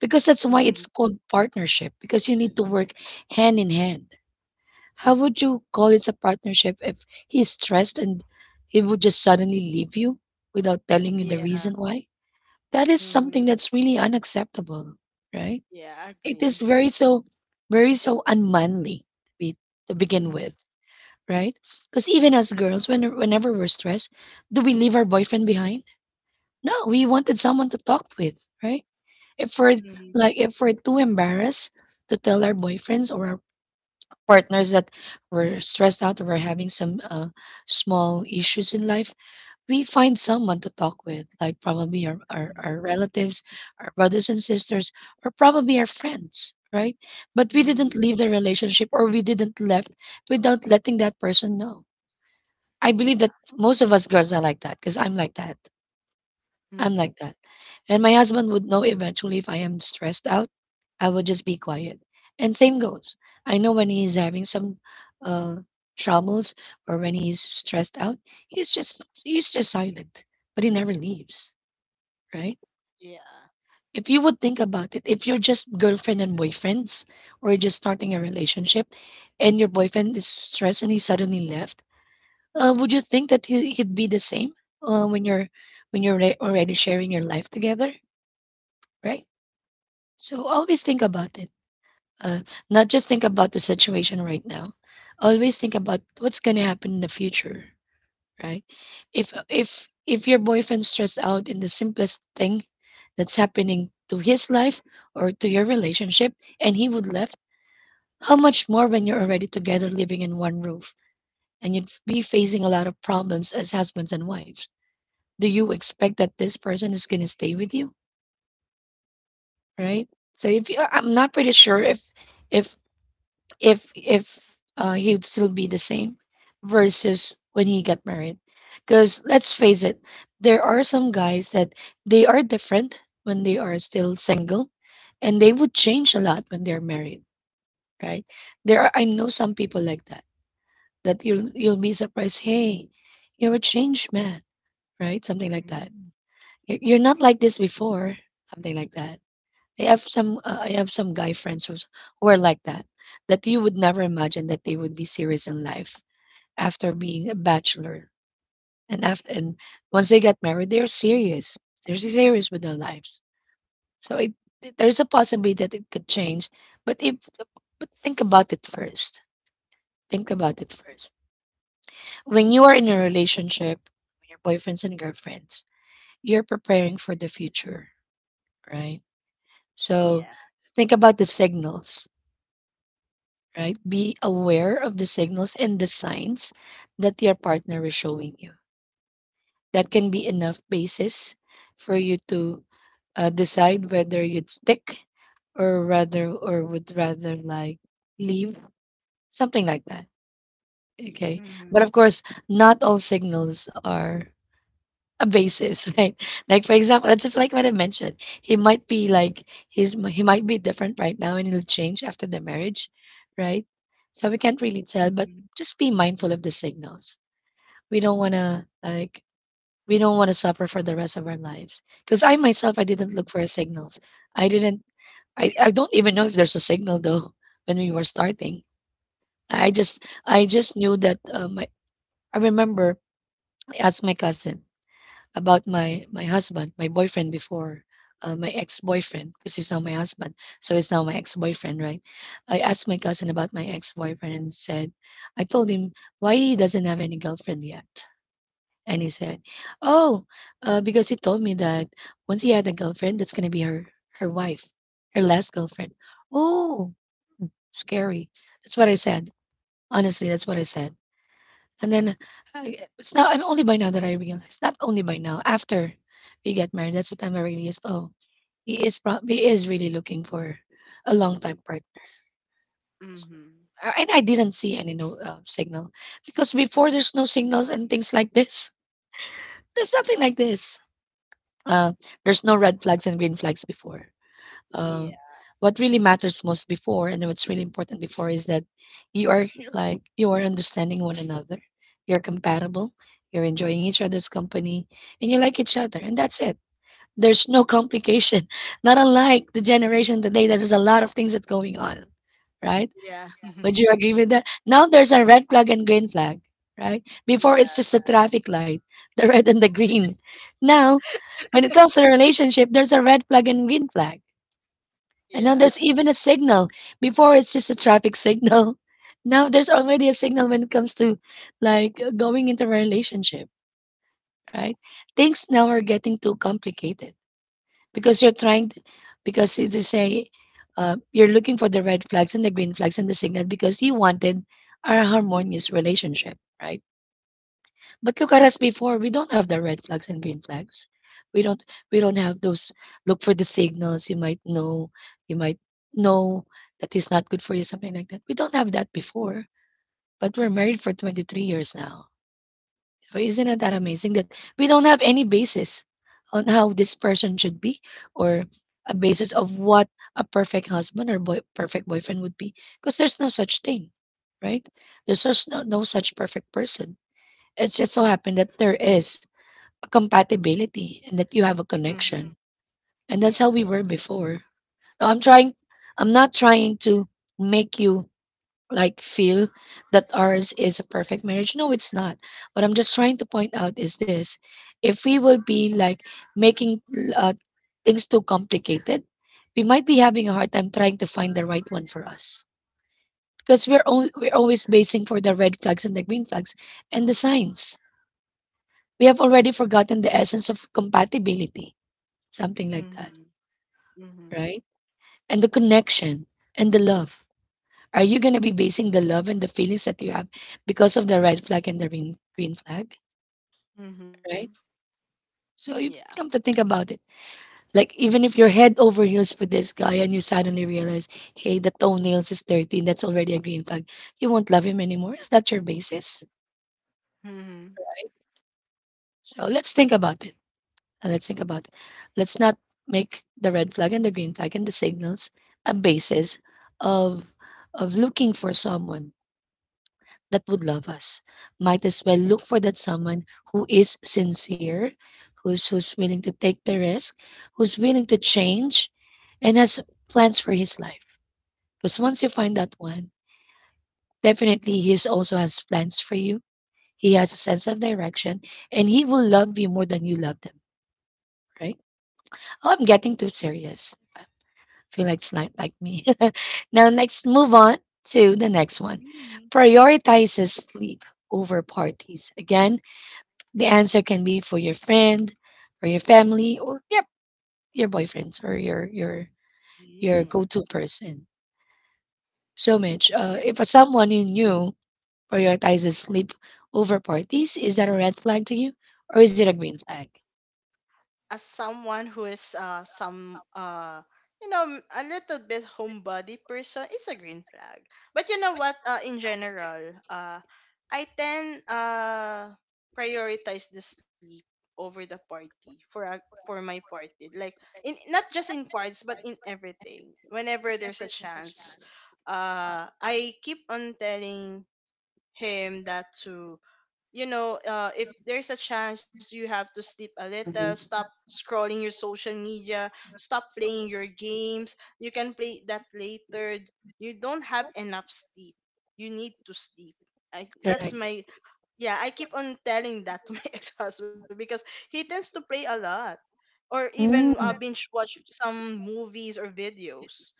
Speaker 1: Because that's why
Speaker 2: Mm-hmm.
Speaker 1: it's called partnership, because you need to work hand in hand. How would you call it a partnership if he's stressed and he would just suddenly leave you without telling you the
Speaker 2: Yeah.
Speaker 1: reason why? That is
Speaker 2: Mm-hmm.
Speaker 1: something that's really unacceptable, right?
Speaker 2: Yeah. I
Speaker 1: It is
Speaker 2: agree.
Speaker 1: very so very so unmanly to be, to begin
Speaker 2: Mm-hmm.
Speaker 1: with, right? Because even as girls, when whenever we're stressed, do we leave our boyfriend behind? No, we wanted someone to talk with, right? If we're
Speaker 2: Mm-hmm.
Speaker 1: if we're too embarrassed to tell our boyfriends or our partners that we're stressed out or we're having some small issues in life, we find someone to talk with, like probably our relatives, our brothers and sisters, or probably our friends, right? But we didn't
Speaker 2: Mm.
Speaker 1: leave the relationship or we didn't left without letting that person know. I believe
Speaker 2: Yeah.
Speaker 1: that most of us girls are like that because I'm like that. I'm
Speaker 2: Mhm.
Speaker 1: like that. And my husband would know eventually if I am stressed out, I would just be quiet. And same goes. I know when he's having some uh, troubles, or when he's stressed out, he's just silent, but he never leaves, right?
Speaker 2: Yeah.
Speaker 1: If you would think about it, if you're just girlfriend and boyfriends or you're just starting a relationship and your boyfriend is stressed and he suddenly left, would you think that he'd be the same, when you're already sharing your life together, right? So always think about it. Uh, not just think about the situation right now. Always think about what's going to happen in the future, right? If your boyfriend's stressed out in the simplest thing that's happening to his life or to your relationship and he would left, how much more when you're already together living in one roof and you'd be facing a lot of problems as husbands and wives. Do you expect that this person is going to stay with you, right? So if you, I'm not pretty sure if if he would still be the same versus when he got married, because let's face it, there are some guys that they are different when they are still single and they would change a lot when they're married, right? there are I know some people like that, that you'll be surprised. Hey, you're a changed man, right? Something like that.
Speaker 2: Mm.
Speaker 1: You're not like this before." Something like that. I have some guy friends who are like that, that you would never imagine that they would be serious in life after being a bachelor. And after and once they get married, they're serious. They're serious with their lives. So there's a possibility that it could change, but if but think about it first. Think about it first. When you are in a relationship, when you're boyfriends and girlfriends, you're preparing for the future, right?
Speaker 2: Yeah.
Speaker 1: So think about the signals, right? Be aware of the signals and the signs that your partner is showing you. That can be enough basis for you to decide whether you'd stick, or would rather like leave, something like that. Okay.
Speaker 2: Mhm.
Speaker 1: But of course, not all signals are a basis, right? Like for example, that's just like what I mentioned. He might be like he might be different right now, and it'll change after the marriage, right? So we can't really tell, but
Speaker 2: Mhm.
Speaker 1: just be mindful of the signals. We don't want to like we don't want to suffer for the rest of our lives. Because I myself, I didn't
Speaker 2: Mhm.
Speaker 1: look for signals. I didn't. I don't even know if there's a signal though when we were starting. I just knew that I remember I asked my cousin about my husband, my boyfriend before, my ex-boyfriend, because he's now my husband, so he's now my ex-boyfriend, right? I asked my cousin about my ex-boyfriend and said, I told him why he doesn't have any girlfriend yet. And he said, oh, because he told me that once he had a girlfriend, that's gonna be her wife, her last girlfriend. Oh, scary. That's what I said. Honestly, that's what I said. And then it's now and only by now that I realize. Not only by now, after we get married, that's the time I realized. Oh, he is really looking for a long time partner.
Speaker 2: Mhm.
Speaker 1: And I didn't see any no signal because before there's no signals and things like this. There's nothing like this. Uh, there's no red flags and green flags before.
Speaker 2: Yeah.
Speaker 1: um, what really matters most before and what's really important before is that you are you are understanding one another, you're compatible, you're enjoying each other's company, and you like each other, and that's it. There's no complication, not unlike the generation today. There's a lot of things that's going on, right?
Speaker 2: Yeah.
Speaker 1: Would you agree? With that, now there's a red flag and green flag, right? Before, it's
Speaker 2: Yeah.
Speaker 1: just a traffic light, the red and the green. Now, when it comes to a relationship, there's a red flag and green flag, and now
Speaker 2: Yeah.
Speaker 1: there's even a signal. Before, it's just a traffic signal. Now there's already a signal when it comes to, going into a relationship, right? Things now are getting too complicated, because you're trying to, because it is say, you're looking for the red flags and the green flags and the signal because you wanted a harmonious relationship, right? But look at us before. We don't have the red flags and green flags. We don't we don't have those. Look for the signals. You might know that is not good for you, something like that. We don't have that before. But we're married for 23 years now. So isn't it that amazing that we don't have any basis on how this person should be, or a basis of what a perfect husband or perfect boyfriend would be? Because there's no such thing, right? There's just no such perfect person. It just so happened that there is a compatibility and that you have a
Speaker 2: Mhm.
Speaker 1: connection. And that's
Speaker 2: Yeah.
Speaker 1: how we were before. So I'm not trying to make you feel that ours is a perfect marriage. No, it's not. What I'm just trying to point out is this. If we will be making uh, things too complicated, we might be having a hard time trying to find the right one for us. Because we're always basing for the red flags and the green flags and the signs. We have already forgotten the essence of compatibility. Something like that,
Speaker 2: Mhm. Mhm.
Speaker 1: right? And the connection and the love. Are you going to be basing the love and the feelings that you have because of the red flag and the green flag,
Speaker 2: Mhm.
Speaker 1: right? So you
Speaker 2: Yeah.
Speaker 1: come to think about it. Like, even if you're head over heels for this guy and you suddenly realize, hey, the toenails is dirty, that's already a green flag, you won't love him anymore. Is that your basis?
Speaker 2: Mhm.
Speaker 1: So let's think about it. Let's think about it. Let's not make the red flag and the green flag and the signals a basis of of looking for someone that would love us. Might as well look for that someone who is sincere, who's willing to take the risk, who's willing to change, and has plans for his life. Because once you find that one, definitely he is also has plans for you. He has a sense of direction, and he will love you more than you love them. Right? Oh, I'm getting too serious. Feel like it's not like me. Now, next, move on to the next one.
Speaker 2: Mm.
Speaker 1: Prioritizes sleep over parties. Again, the answer can be for your friend, or your family, or yep, your boyfriends or your
Speaker 2: Mm.
Speaker 1: go-to person. So Mitch, if a someone you knew prioritizes sleep over parties, is that a red flag to you, or is it a green flag?
Speaker 2: As someone who is some a little bit homebody person, it's a green flag. But you know what, in general, I tend prioritize the sleep over the party for a for my party, like in not just in parts but in everything. Whenever there's a chance, I keep on telling him that to if there's a chance you have to sleep a little, stop scrolling your social media, stop playing your games. You can play that later. You don't have enough sleep. You need to sleep. That's
Speaker 1: Correct.
Speaker 2: my yeah, I keep on telling that to my ex-husband because he tends to play a lot or even
Speaker 1: Mm.
Speaker 2: binge watch some movies or videos.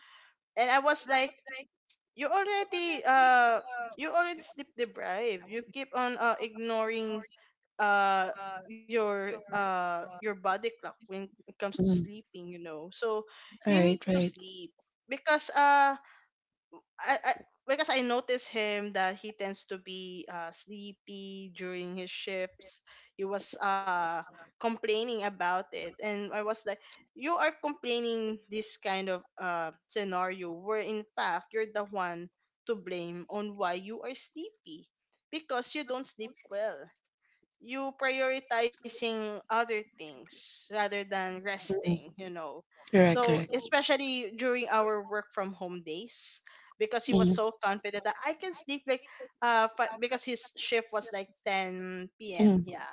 Speaker 2: And I was like, you already uh you already sleep deprived, you keep on ignoring uh your body clock when it comes to
Speaker 1: Mm.
Speaker 2: sleeping, you know. So
Speaker 1: All
Speaker 2: you
Speaker 1: right,
Speaker 2: need to
Speaker 1: right.
Speaker 2: sleep because I because I noticed him that he tends to be sleepy during his shifts. He was complaining about it, and I was like, "You are complaining this kind of scenario where in fact you're the one to blame on why you are sleepy because you don't sleep well." You prioritizing other things rather than
Speaker 1: Mm.
Speaker 2: resting, you know.
Speaker 1: Correct,
Speaker 2: So
Speaker 1: correct.
Speaker 2: especially during our work from home days, because he
Speaker 1: Mm.
Speaker 2: was so confident that I can sleep like because his shift was like 10 p.m.
Speaker 1: Mm,
Speaker 2: Yeah,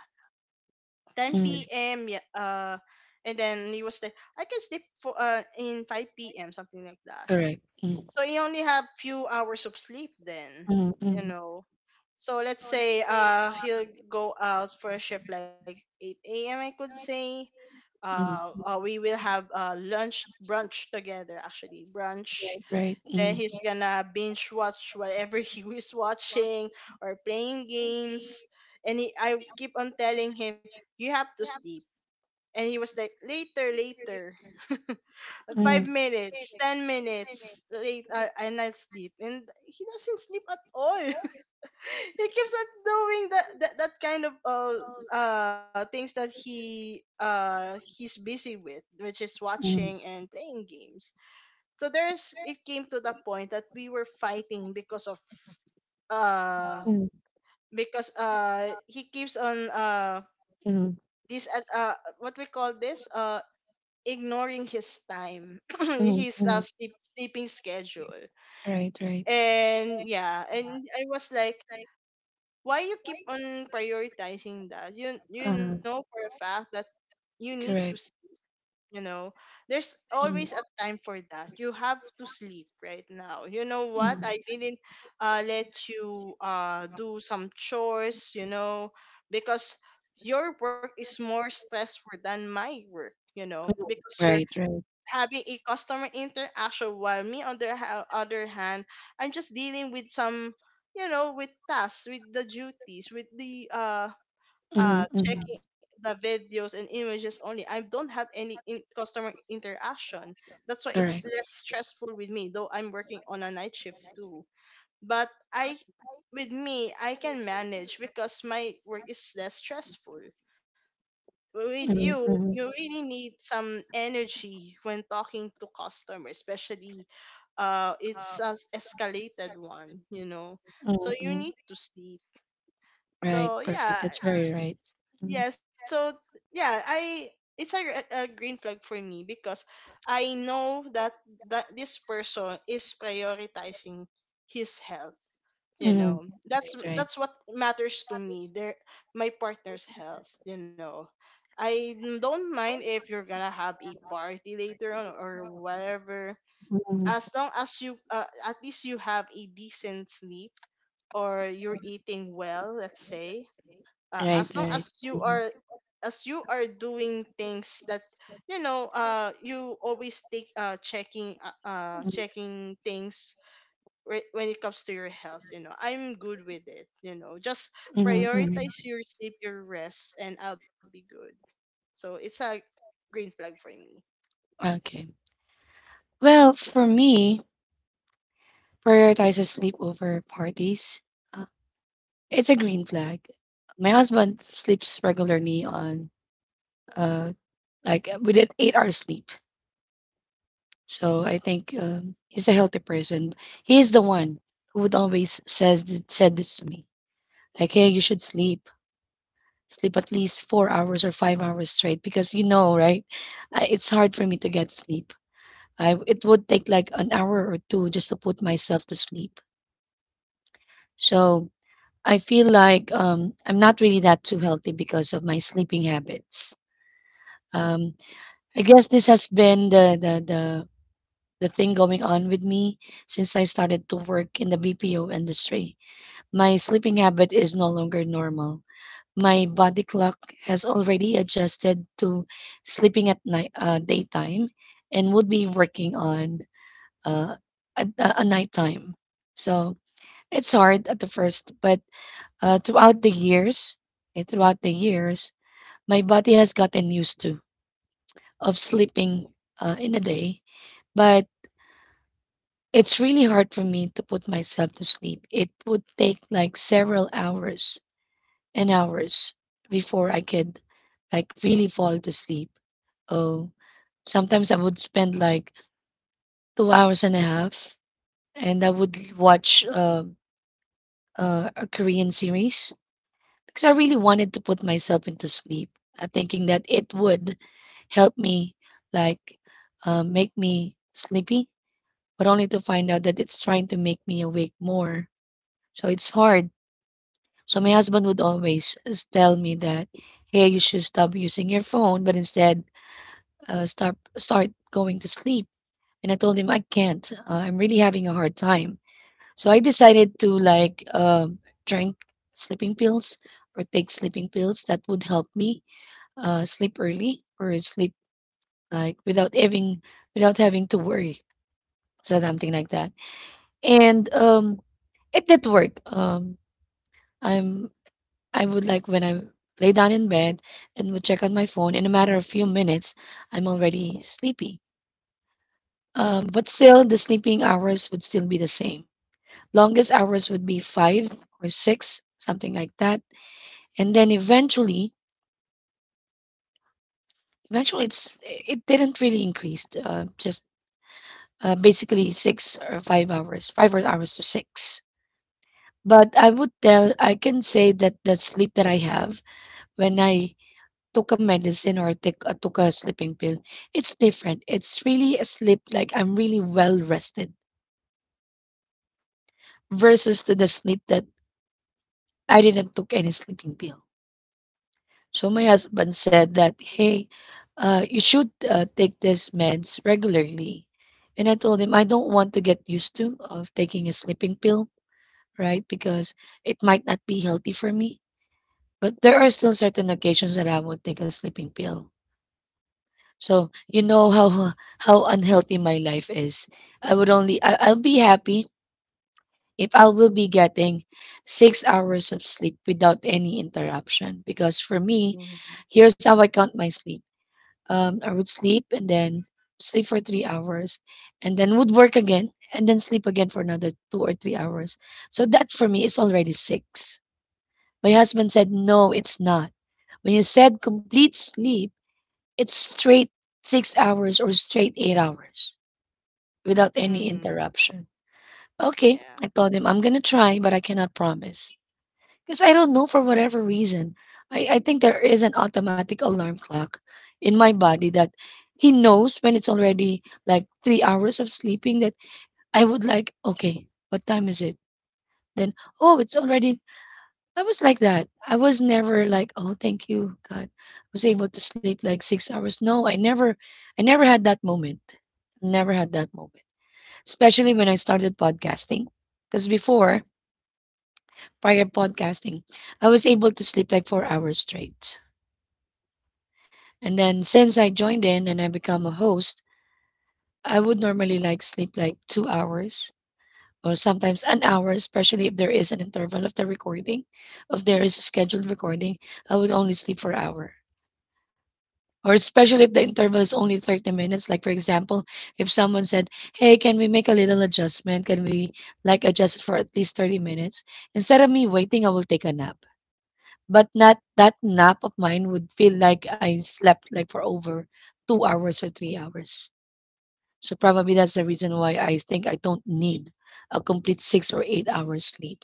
Speaker 2: 10
Speaker 1: mm,
Speaker 2: p.m. Yeah, and then he was like I can sleep for in 5 p.m., something like that.
Speaker 1: correct. Mm,
Speaker 2: So you only have few hours of sleep then,
Speaker 1: mm,
Speaker 2: you
Speaker 1: mm,
Speaker 2: know. So let's say he'll go out for a shift like 8 a.m., I could say.
Speaker 1: mm.
Speaker 2: We will have lunch, brunch, together, actually brunch.
Speaker 1: Right, right.
Speaker 2: Then
Speaker 1: Mm,
Speaker 2: he's gonna binge watch whatever he is watching or playing games. And I keep on telling him you have to sleep. And he was like later later, five
Speaker 1: mm.
Speaker 2: minutes 10 minutes late, and I sleep and he doesn't sleep at all. He keeps on doing that kind of things that he's busy with, which is watching and playing games. So there's it came to the point that we were fighting because of uh because he keeps on
Speaker 1: Mm,
Speaker 2: this what we call this, ignoring his time his sleeping schedule.
Speaker 1: right, right.
Speaker 2: And yeah, and I was like, why you keep on prioritizing that? You know
Speaker 1: Uh,
Speaker 2: for a fact that you need to
Speaker 1: Correct.
Speaker 2: you know there's always
Speaker 1: Mm,
Speaker 2: a time for that. You have to sleep right now. You know what, I
Speaker 1: mm,
Speaker 2: didn't let you do some chores, you know, because your work is more stressful than my work, you know, because you're
Speaker 1: right, right.
Speaker 2: having a customer interaction while me on the other hand, I'm just dealing with some, you know, with tasks, with the duties, with the
Speaker 1: Mm,
Speaker 2: checking
Speaker 1: mm,
Speaker 2: the videos and images only. I don't have any customer interaction. That's why it's
Speaker 1: correct.
Speaker 2: less stressful with me, though I'm working on a night shift too. But I with me, I can manage because my work is less stressful. With
Speaker 1: Mm,
Speaker 2: you, you
Speaker 1: mm,
Speaker 2: really need some energy when talking to customers, especially it's an escalated one, you know. So
Speaker 1: mm,
Speaker 2: you
Speaker 1: mm.
Speaker 2: need to sleep.
Speaker 1: Right,
Speaker 2: So yeah,
Speaker 1: perfect. That's very
Speaker 2: s-
Speaker 1: right. Mm,
Speaker 2: yeah, so yeah, I it's a, a green flag for me because I know that this person is prioritizing his health, you
Speaker 1: mm,
Speaker 2: know. that's
Speaker 1: right, right.
Speaker 2: that's what matters to me there, my partner's health, you know. I don't mind if you're gonna have a party later on or whatever,
Speaker 1: Mm,
Speaker 2: as long as you at least you have a decent sleep or you're eating well. Let's say,
Speaker 1: right,
Speaker 2: as long
Speaker 1: right. Mm,
Speaker 2: as you are doing things that, you know, you always take checking
Speaker 1: mm,
Speaker 2: checking things when it comes to your health, you know, I'm good with it, you know. Just
Speaker 1: mm, mm.
Speaker 2: prioritize your sleep, your rest, and I'll be good. So it's a green flag for me.
Speaker 1: Okay. Well, for me, prioritizes sleep over parties. Uh, it's a green flag. My husband sleeps regularly on uh like within 8 hours sleep. So I think, he's a healthy person. He's the one who would always said this to me, like, "Hey, you should sleep. Sleep at least 4 hours or 5 hours straight, because you know, right? It's hard for me to get sleep. I It would take like an hour or two just to put myself to sleep. So I feel like, I'm not really that too healthy because of my sleeping habits. Um, I guess this has been the thing going on with me since I started to work in the BPO industry. My sleeping habit is no longer normal. My body clock has already adjusted to sleeping at night, daytime, and would be working on uh, at a nighttime. So it's hard at the first, but uh, throughout the years, throughout the years, my body has gotten used to of sleeping, in a day, but it's really hard for me to put myself to sleep. It would take like several hours and hours before I could like really fall to sleep. Oh, sometimes I would spend like 2 hours and a half, and I would watch, a Korean series, because I really wanted to put myself into sleep, thinking that it would help me, like make me sleepy, but only to find out that it's trying to make me awake more. So it's hard. So my husband would always tell me that, hey, you should stop using your phone, but instead, start going to sleep. And I told him I can't. I'm really having a hard time. So I decided to drink sleeping pills, or take sleeping pills that would help me, sleep early, or sleep like without having without having to worry, so something like that. And, it did work. I'm I would, like, when I lay down in bed and would check on my phone, in a matter of few minutes, I'm already sleepy. But still, the sleeping hours would still be the same. Longest hours would be 5 or 6, something like that. And then, eventually, it didn't really increase. Just, basically 6 or 5 hours, 5 hours to six. But I would tell, I can say that the sleep that I have when I took a medicine or take took a sleeping pill, it's different. It's really a sleep like I'm really well rested versus to the sleep that I didn't took any sleeping pill. So my husband said that, hey, you should take these meds regularly. And I told him I don't want to get used to of taking a sleeping pill, right? Because it might not be healthy for me. But there are still certain occasions that I would take a sleeping pill. So you know how unhealthy my life is. I'll be happy if I will be getting 6 hours of sleep without any interruption. Because for me,
Speaker 2: Mm-hmm.
Speaker 1: here's how I count my sleep. I would sleep and then sleep for 3 hours, and then would work again, and then sleep again for another 2 or 3 hours. So that for me is already six. My husband said, "No, it's not. When you said complete sleep." It's straight 6 hours or straight 8 hours without
Speaker 2: Mm-hmm.
Speaker 1: any interruption. Okay,
Speaker 2: Yeah.
Speaker 1: I told him I'm gonna try, but I cannot promise. Because I don't know for whatever reason. I think there is an automatic alarm clock in my body that he knows when it's already like 3 hours of sleeping that I would like, okay, what time is it? Then, oh, it's already I was like that. I was never like, "Oh, thank you, God. I was able to sleep like 6 hours." No, I never had that moment. Never had that moment. Especially when I started podcasting. Because before, prior podcasting, I was able to sleep like 4 hours straight. And then since I joined in and I become a host, I would normally like sleep like 2 hours or sometimes an hour, especially if there is an interval of the recording. If there is a scheduled recording, I would only sleep for an hour or especially if the interval is only 30 minutes, like for example if someone said, hey, can we make a little adjustment, can we like adjust it for at least 30 minutes. Instead of me waiting, I will take a nap, but not that nap of mine would feel like I slept like for over 2 hours or 3 hours. So probably that's the reason why I think I don't need a complete 6 or 8 hours sleep.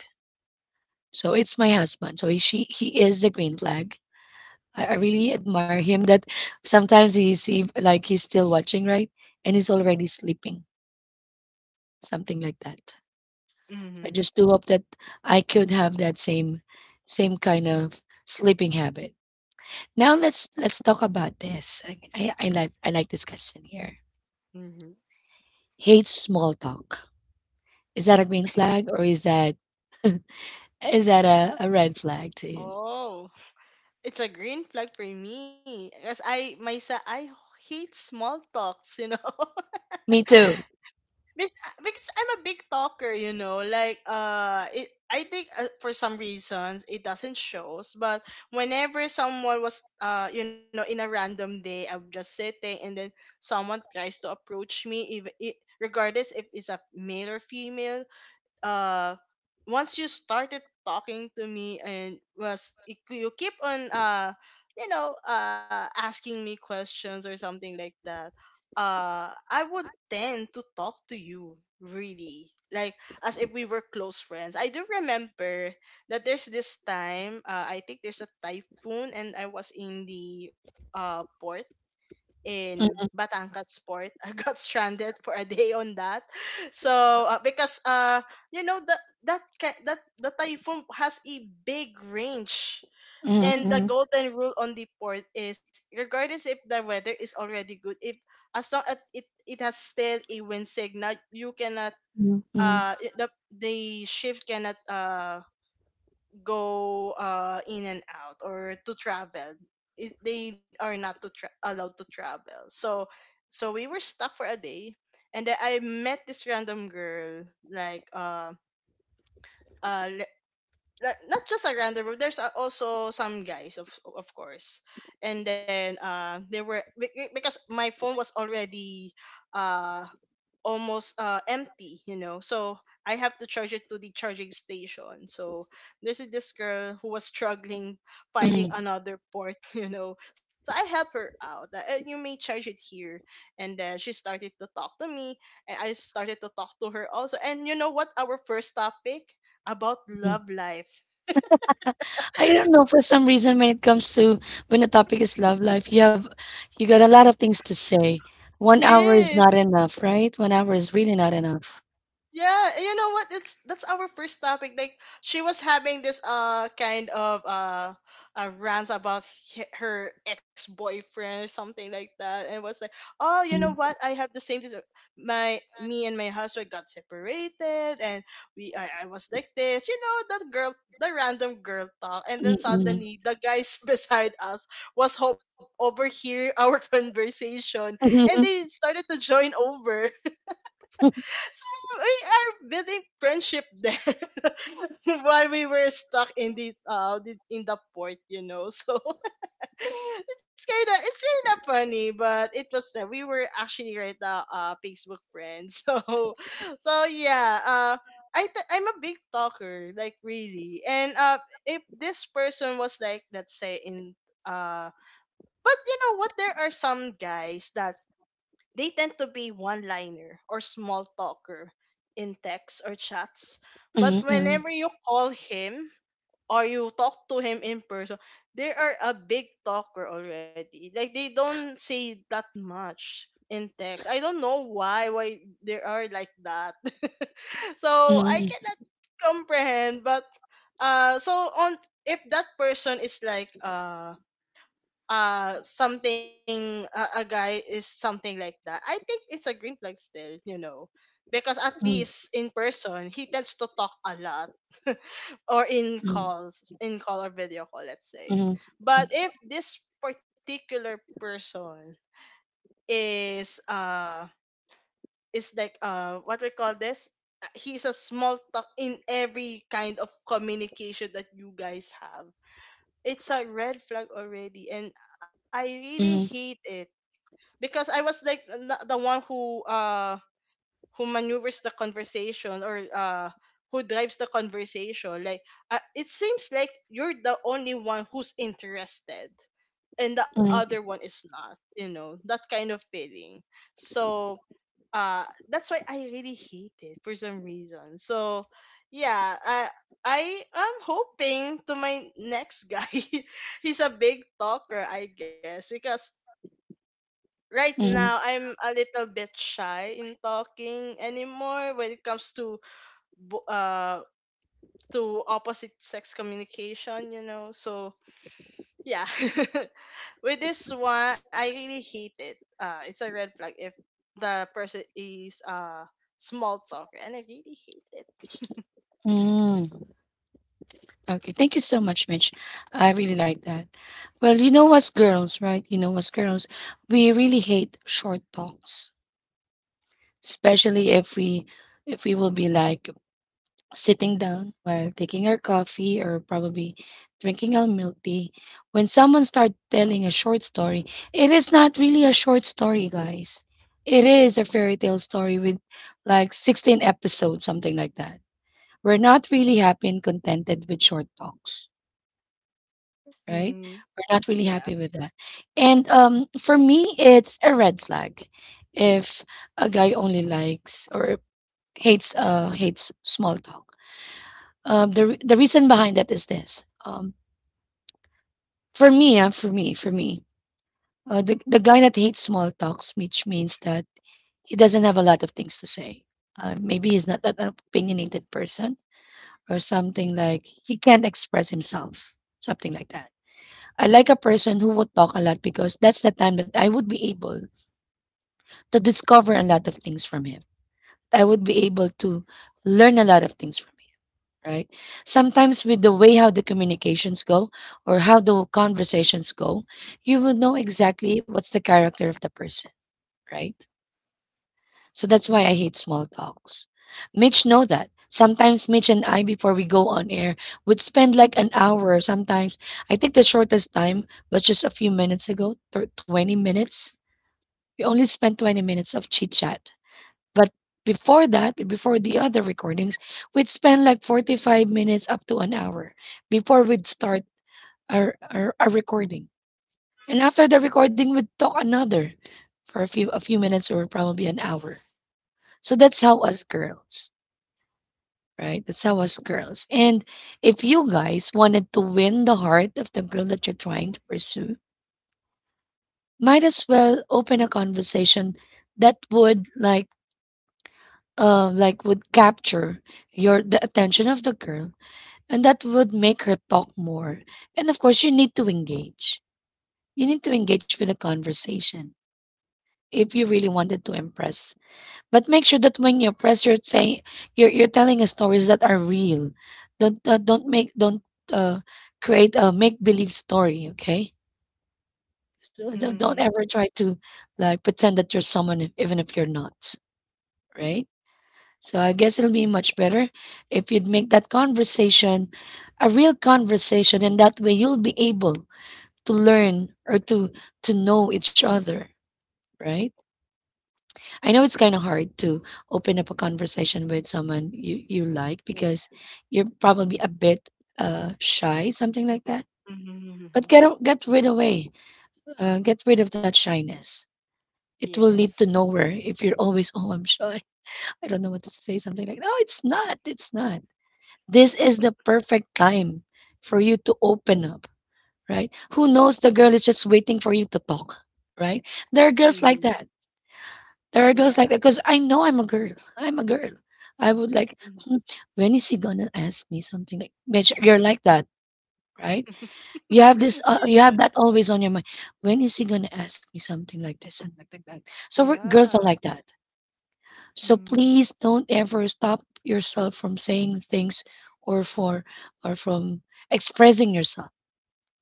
Speaker 1: So it's my husband, so he is the green flag. I really admire him that sometimes he's he, like he's still watching, right? And he's already sleeping, something like that. I
Speaker 2: Mm-hmm.
Speaker 1: just do hope that I could have that same same kind of sleeping habit. Now let's talk about this. I like this question here.
Speaker 2: Mm-hmm.
Speaker 1: Hate small talk. Is that a green flag or is that a red flag to you?
Speaker 2: Oh, it's a green flag for me because I myself I hate small talks, you know.
Speaker 1: Me too.
Speaker 2: because, because I'm a big talker, you know. Like it, I think, for some reasons it doesn't shows. But whenever someone was, you know, in a random day, I'm just sitting, and then someone tries to approach me, even regardless if it's a male or female, uh once you started talking to me and was you you keep on you know asking me questions or something like that, I would tend to talk to you really like as if we were close friends. I do remember that there's this time, I think there's a typhoon and I was in the port, in
Speaker 1: Mm,
Speaker 2: Batangas Port. I got stranded for a day on that. So because you know that that the typhoon has a big range.
Speaker 1: mm,
Speaker 2: And the
Speaker 1: mm,
Speaker 2: golden rule on the port is regardless if the weather is already good, if as long as it it has still a wind signal, you cannot
Speaker 1: mm, mm,
Speaker 2: the the ship cannot go in and out or to travel. They are not to allowed to travel. So so we were stuck for a day, and then I met this random girl, like uh le- not just a random girl, there's, also some guys, of course. And then they were because my phone was already uh almost empty, you know. So I have to charge it to the charging station. So this is this girl who was struggling finding
Speaker 1: mm,
Speaker 2: another port. You know, so I help her out. "Eh, you may charge it here." And then she started to talk to me, and I started to talk to her also. And you know what our first topic? About
Speaker 1: mm.
Speaker 2: love life.
Speaker 1: I don't know, for some reason, when it comes to when the topic is love life, you got a lot of things to say. 1 hour is
Speaker 2: Yes.
Speaker 1: not enough, right? 1 hour is really not enough.
Speaker 2: Yeah, you know what? It's that's our first topic. Like she was having this kind of rants about her ex boyfriend or something like that, and was like, oh, you know
Speaker 1: Mm,
Speaker 2: what? I have the same. My me and my husband got separated, and we I was like this. You know, that girl, the random girl talk, and
Speaker 1: mm,
Speaker 2: then
Speaker 1: mm.
Speaker 2: suddenly the guys beside us was hope overhear our conversation, and they
Speaker 1: Mhm,
Speaker 2: started to join over. So we are building friendship there while we were stuck in the in the port, you know. So it's kind of funny, but it was, we were actually right now Facebook friends. So so yeah, I'm a big talker, like really. And if this person was like let's say in uh but you know what, there are some guys that they tend to be one liner or small talker in texts or chats. But
Speaker 1: mhm, mhm,
Speaker 2: whenever you call him or you talk to him in person, they are a big talker already. Like they don't say that much in text. I don't know why they are like that. So I
Speaker 1: mhm,
Speaker 2: cannot comprehend, but so on if that person is like, something, a guy is something like that, I think it's a green flag still, you know, because at
Speaker 1: mhm,
Speaker 2: least in person he tends to talk a lot. Or in
Speaker 1: mhm,
Speaker 2: calls, in call or video call, let's say.
Speaker 1: mhm,
Speaker 2: But if this particular person is uh is like, what we call this, uh, he's a small talk in every kind of communication that you guys have, it's a red flag already, and I really
Speaker 1: mhm,
Speaker 2: hate it because I was like the one who maneuvers the conversation or who drives the conversation. Like, it seems like you're the only one who's interested, and the other one
Speaker 1: mhm,
Speaker 2: is not. You know, that kind of feeling. So uh that's why I really hate it for some reason. So yeah, I am hoping to my next guy. He's a big talker, I guess, because right now
Speaker 1: mhm,
Speaker 2: I'm a little bit shy in talking anymore when it comes to bo- uh to opposite sex communication, you know. So yeah, with this one, I really hate it. It's a red flag if the person is a small talker, and I really hate it.
Speaker 1: mhm. Okay, thank you so much, Mitch. I really like that. Well, you know us girls, right? You know us girls, we really hate short talks, especially if we will be like sitting down while taking our coffee or probably drinking our milk tea, when someone starts telling a short story, it is not really a short story, guys. It is a fairy tale story with like 16 episodes, something like that. We're not really happy and contented with short talks, right?
Speaker 2: Mm-hmm.
Speaker 1: We're not really
Speaker 2: Yeah.
Speaker 1: happy with that. And for me, it's a red flag if a guy only likes or hates hates small talk. The reason behind that is this. For me, the guy that hates small talks, which means that he doesn't have a lot of things to say. Maybe he's not that an opinionated person, or something like he can't express himself, something like that. I like a person who would talk a lot because that's the time that I would be able to discover a lot of things from him. I would be able to learn a lot of things from him, right? Sometimes with the way how the communications go or how the conversations go, you will know exactly what's the character of the person, right? So that's why I hate small talks. Mitch know that. Sometimes Mitch and I, before we go on air, would spend like an hour. Sometimes I think the shortest time was just a few minutes ago, 20 minutes. We only spent 20 minutes of chit chat, but before that, before the other recordings, we'd spend like 45 minutes up to an hour before we'd start our recording. And after the recording, we'd talk another for a few minutes or probably an hour. So that's how us girls, right? That's how us girls. And if you guys wanted to win the heart of the girl that you're trying to pursue, might as well open a conversation that would like would capture your the attention of the girl. And that would make her talk more. And of course, you need to engage. You need to engage with the conversation if you really wanted to impress. But make sure that when you impress, you're telling us stories that are real. Don't uh, create a make believe story. Okay, so don't
Speaker 2: Mm-hmm.
Speaker 1: ever try to like pretend that you're someone even if you're not. Right. So I guess it'll be much better if you'd make that conversation a real conversation, and that way you'll be able to learn or to know each other, right? I know it's kind of hard to open up a conversation with someone you like
Speaker 2: Yeah.
Speaker 1: because you're probably a bit shy, something like that.
Speaker 2: Mm-hmm.
Speaker 1: But get rid away get rid of that shyness. It will lead to
Speaker 2: Yes.
Speaker 1: nowhere if you're always, oh, I'm shy, I don't know what to say, something like, no, it's not. This is the perfect time for you to open up, right? Who knows, the girl is just waiting for you to talk, right? There are girls
Speaker 2: Mm-hmm.
Speaker 1: like that. There are
Speaker 2: Yeah.
Speaker 1: girls like that because I know I'm a girl. I'm a girl. I would like,
Speaker 2: Mm-hmm.
Speaker 1: "Hmm, when is he gonna ask me something?" Like, bitch, you're like that, right? You have this, you
Speaker 2: yeah.
Speaker 1: have that always on your mind. When is he gonna ask me something like this and like that? So we're, girls
Speaker 2: Yeah.
Speaker 1: are like that. So
Speaker 2: Mm.
Speaker 1: please don't ever stop yourself from saying things or for or from expressing yourself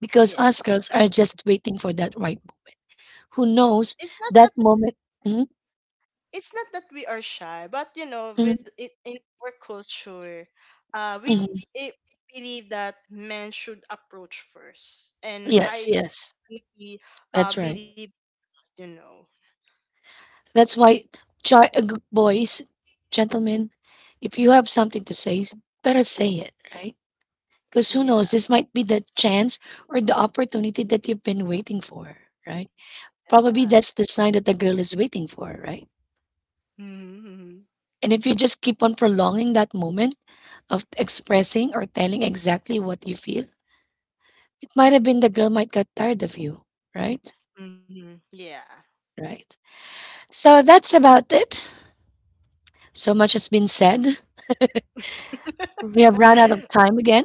Speaker 1: because
Speaker 2: Yes.
Speaker 1: us
Speaker 2: Like,
Speaker 1: girls are just waiting for that, right. Who knows
Speaker 2: it's not
Speaker 1: that moment? Mhm,
Speaker 2: that we are shy, but you know, with
Speaker 1: mhm,
Speaker 2: it in our culture, uh we
Speaker 1: mhm.
Speaker 2: it, believe that men should approach first. And
Speaker 1: Yes,
Speaker 2: I
Speaker 1: yes,
Speaker 2: really,
Speaker 1: that's right.
Speaker 2: believe, you know.
Speaker 1: That's why, boys, gentlemen, if you have something to say, better say it, right? Because who knows,
Speaker 2: Yeah.
Speaker 1: this might be the chance or the opportunity that you've been waiting for, right?
Speaker 2: Yeah.
Speaker 1: Probably that's the sign that the girl is waiting for, right?
Speaker 2: Mm-hmm.
Speaker 1: And if you just keep on prolonging that moment of expressing or telling exactly what you feel, it might have been the girl might get tired of you, right?
Speaker 2: Mm-hmm. Yeah.
Speaker 1: Right. So that's about it. So much has been said. We have run out of time again.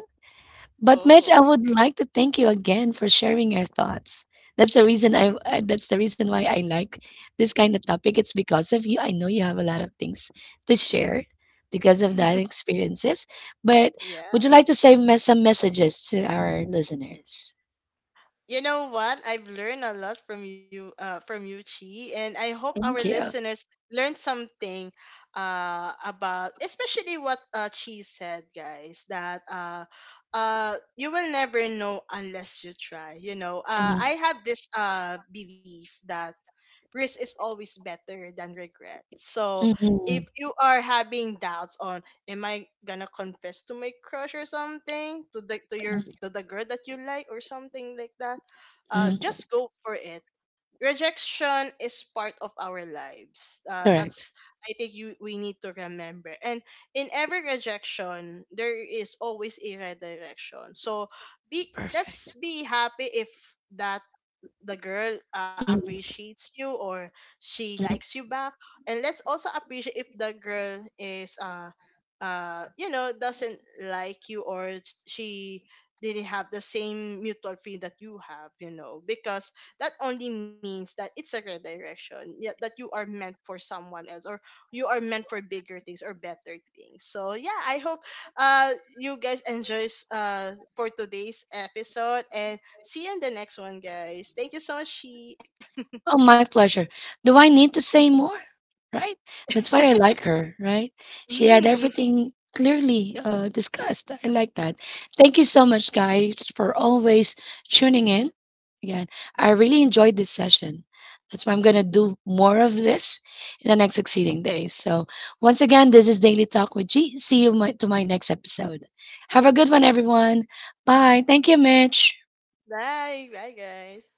Speaker 1: But Mitch, I
Speaker 2: Oh.
Speaker 1: would like to thank you again for sharing your thoughts. That's the reason why I like this kind of topic. It's because of you. I know you have a lot of things to share because of that experiences. But
Speaker 2: Yeah.
Speaker 1: would you like to say some messages to our listeners?
Speaker 2: You know what? I've learned a lot from you, Chi, and I hope our
Speaker 1: Thank you.
Speaker 2: listeners learned something, about especially what, Chi said, guys. That you will never know unless you try. You know, I
Speaker 1: Mhm,
Speaker 2: have this belief that risk is always better than regret. So if
Speaker 1: mhm,
Speaker 2: you are having doubts on am I gonna confess to my crush or something to the to your
Speaker 1: mhm,
Speaker 2: to the girl that you like or something like that, just
Speaker 1: mhm.
Speaker 2: go for it. Rejection is part of our lives. That's
Speaker 1: Correct.
Speaker 2: I think you we need to remember. And in every rejection, there is always a redirection. So be let's
Speaker 1: Perfect.
Speaker 2: be happy if that the girl
Speaker 1: Mhm.
Speaker 2: appreciates you or she likes you back. And let's also appreciate if the girl is you know doesn't like you or she didn't have the same mutual feeling that you have, you know, because that only means that it's a redirection. Yeah, that you are meant for someone else or you are meant for bigger things or better things. So yeah, I hope, you guys enjoys, for today's episode, and see you in the next one, guys. Thank you so much, She.
Speaker 1: Oh, my pleasure. Do I need to say more? Right? That's why I like her, right? She had
Speaker 2: Mm.
Speaker 1: everything clearly discussed. I like that. Thank you so much, guys, for always tuning in. Again, I really enjoyed this session. That's why I'm going to do more of this in the next succeeding days. So, once again, this is Daily Talk with G. See you to my next episode. Have a good one, everyone. Bye. Thank you, Mitch.
Speaker 2: Bye. Bye, guys.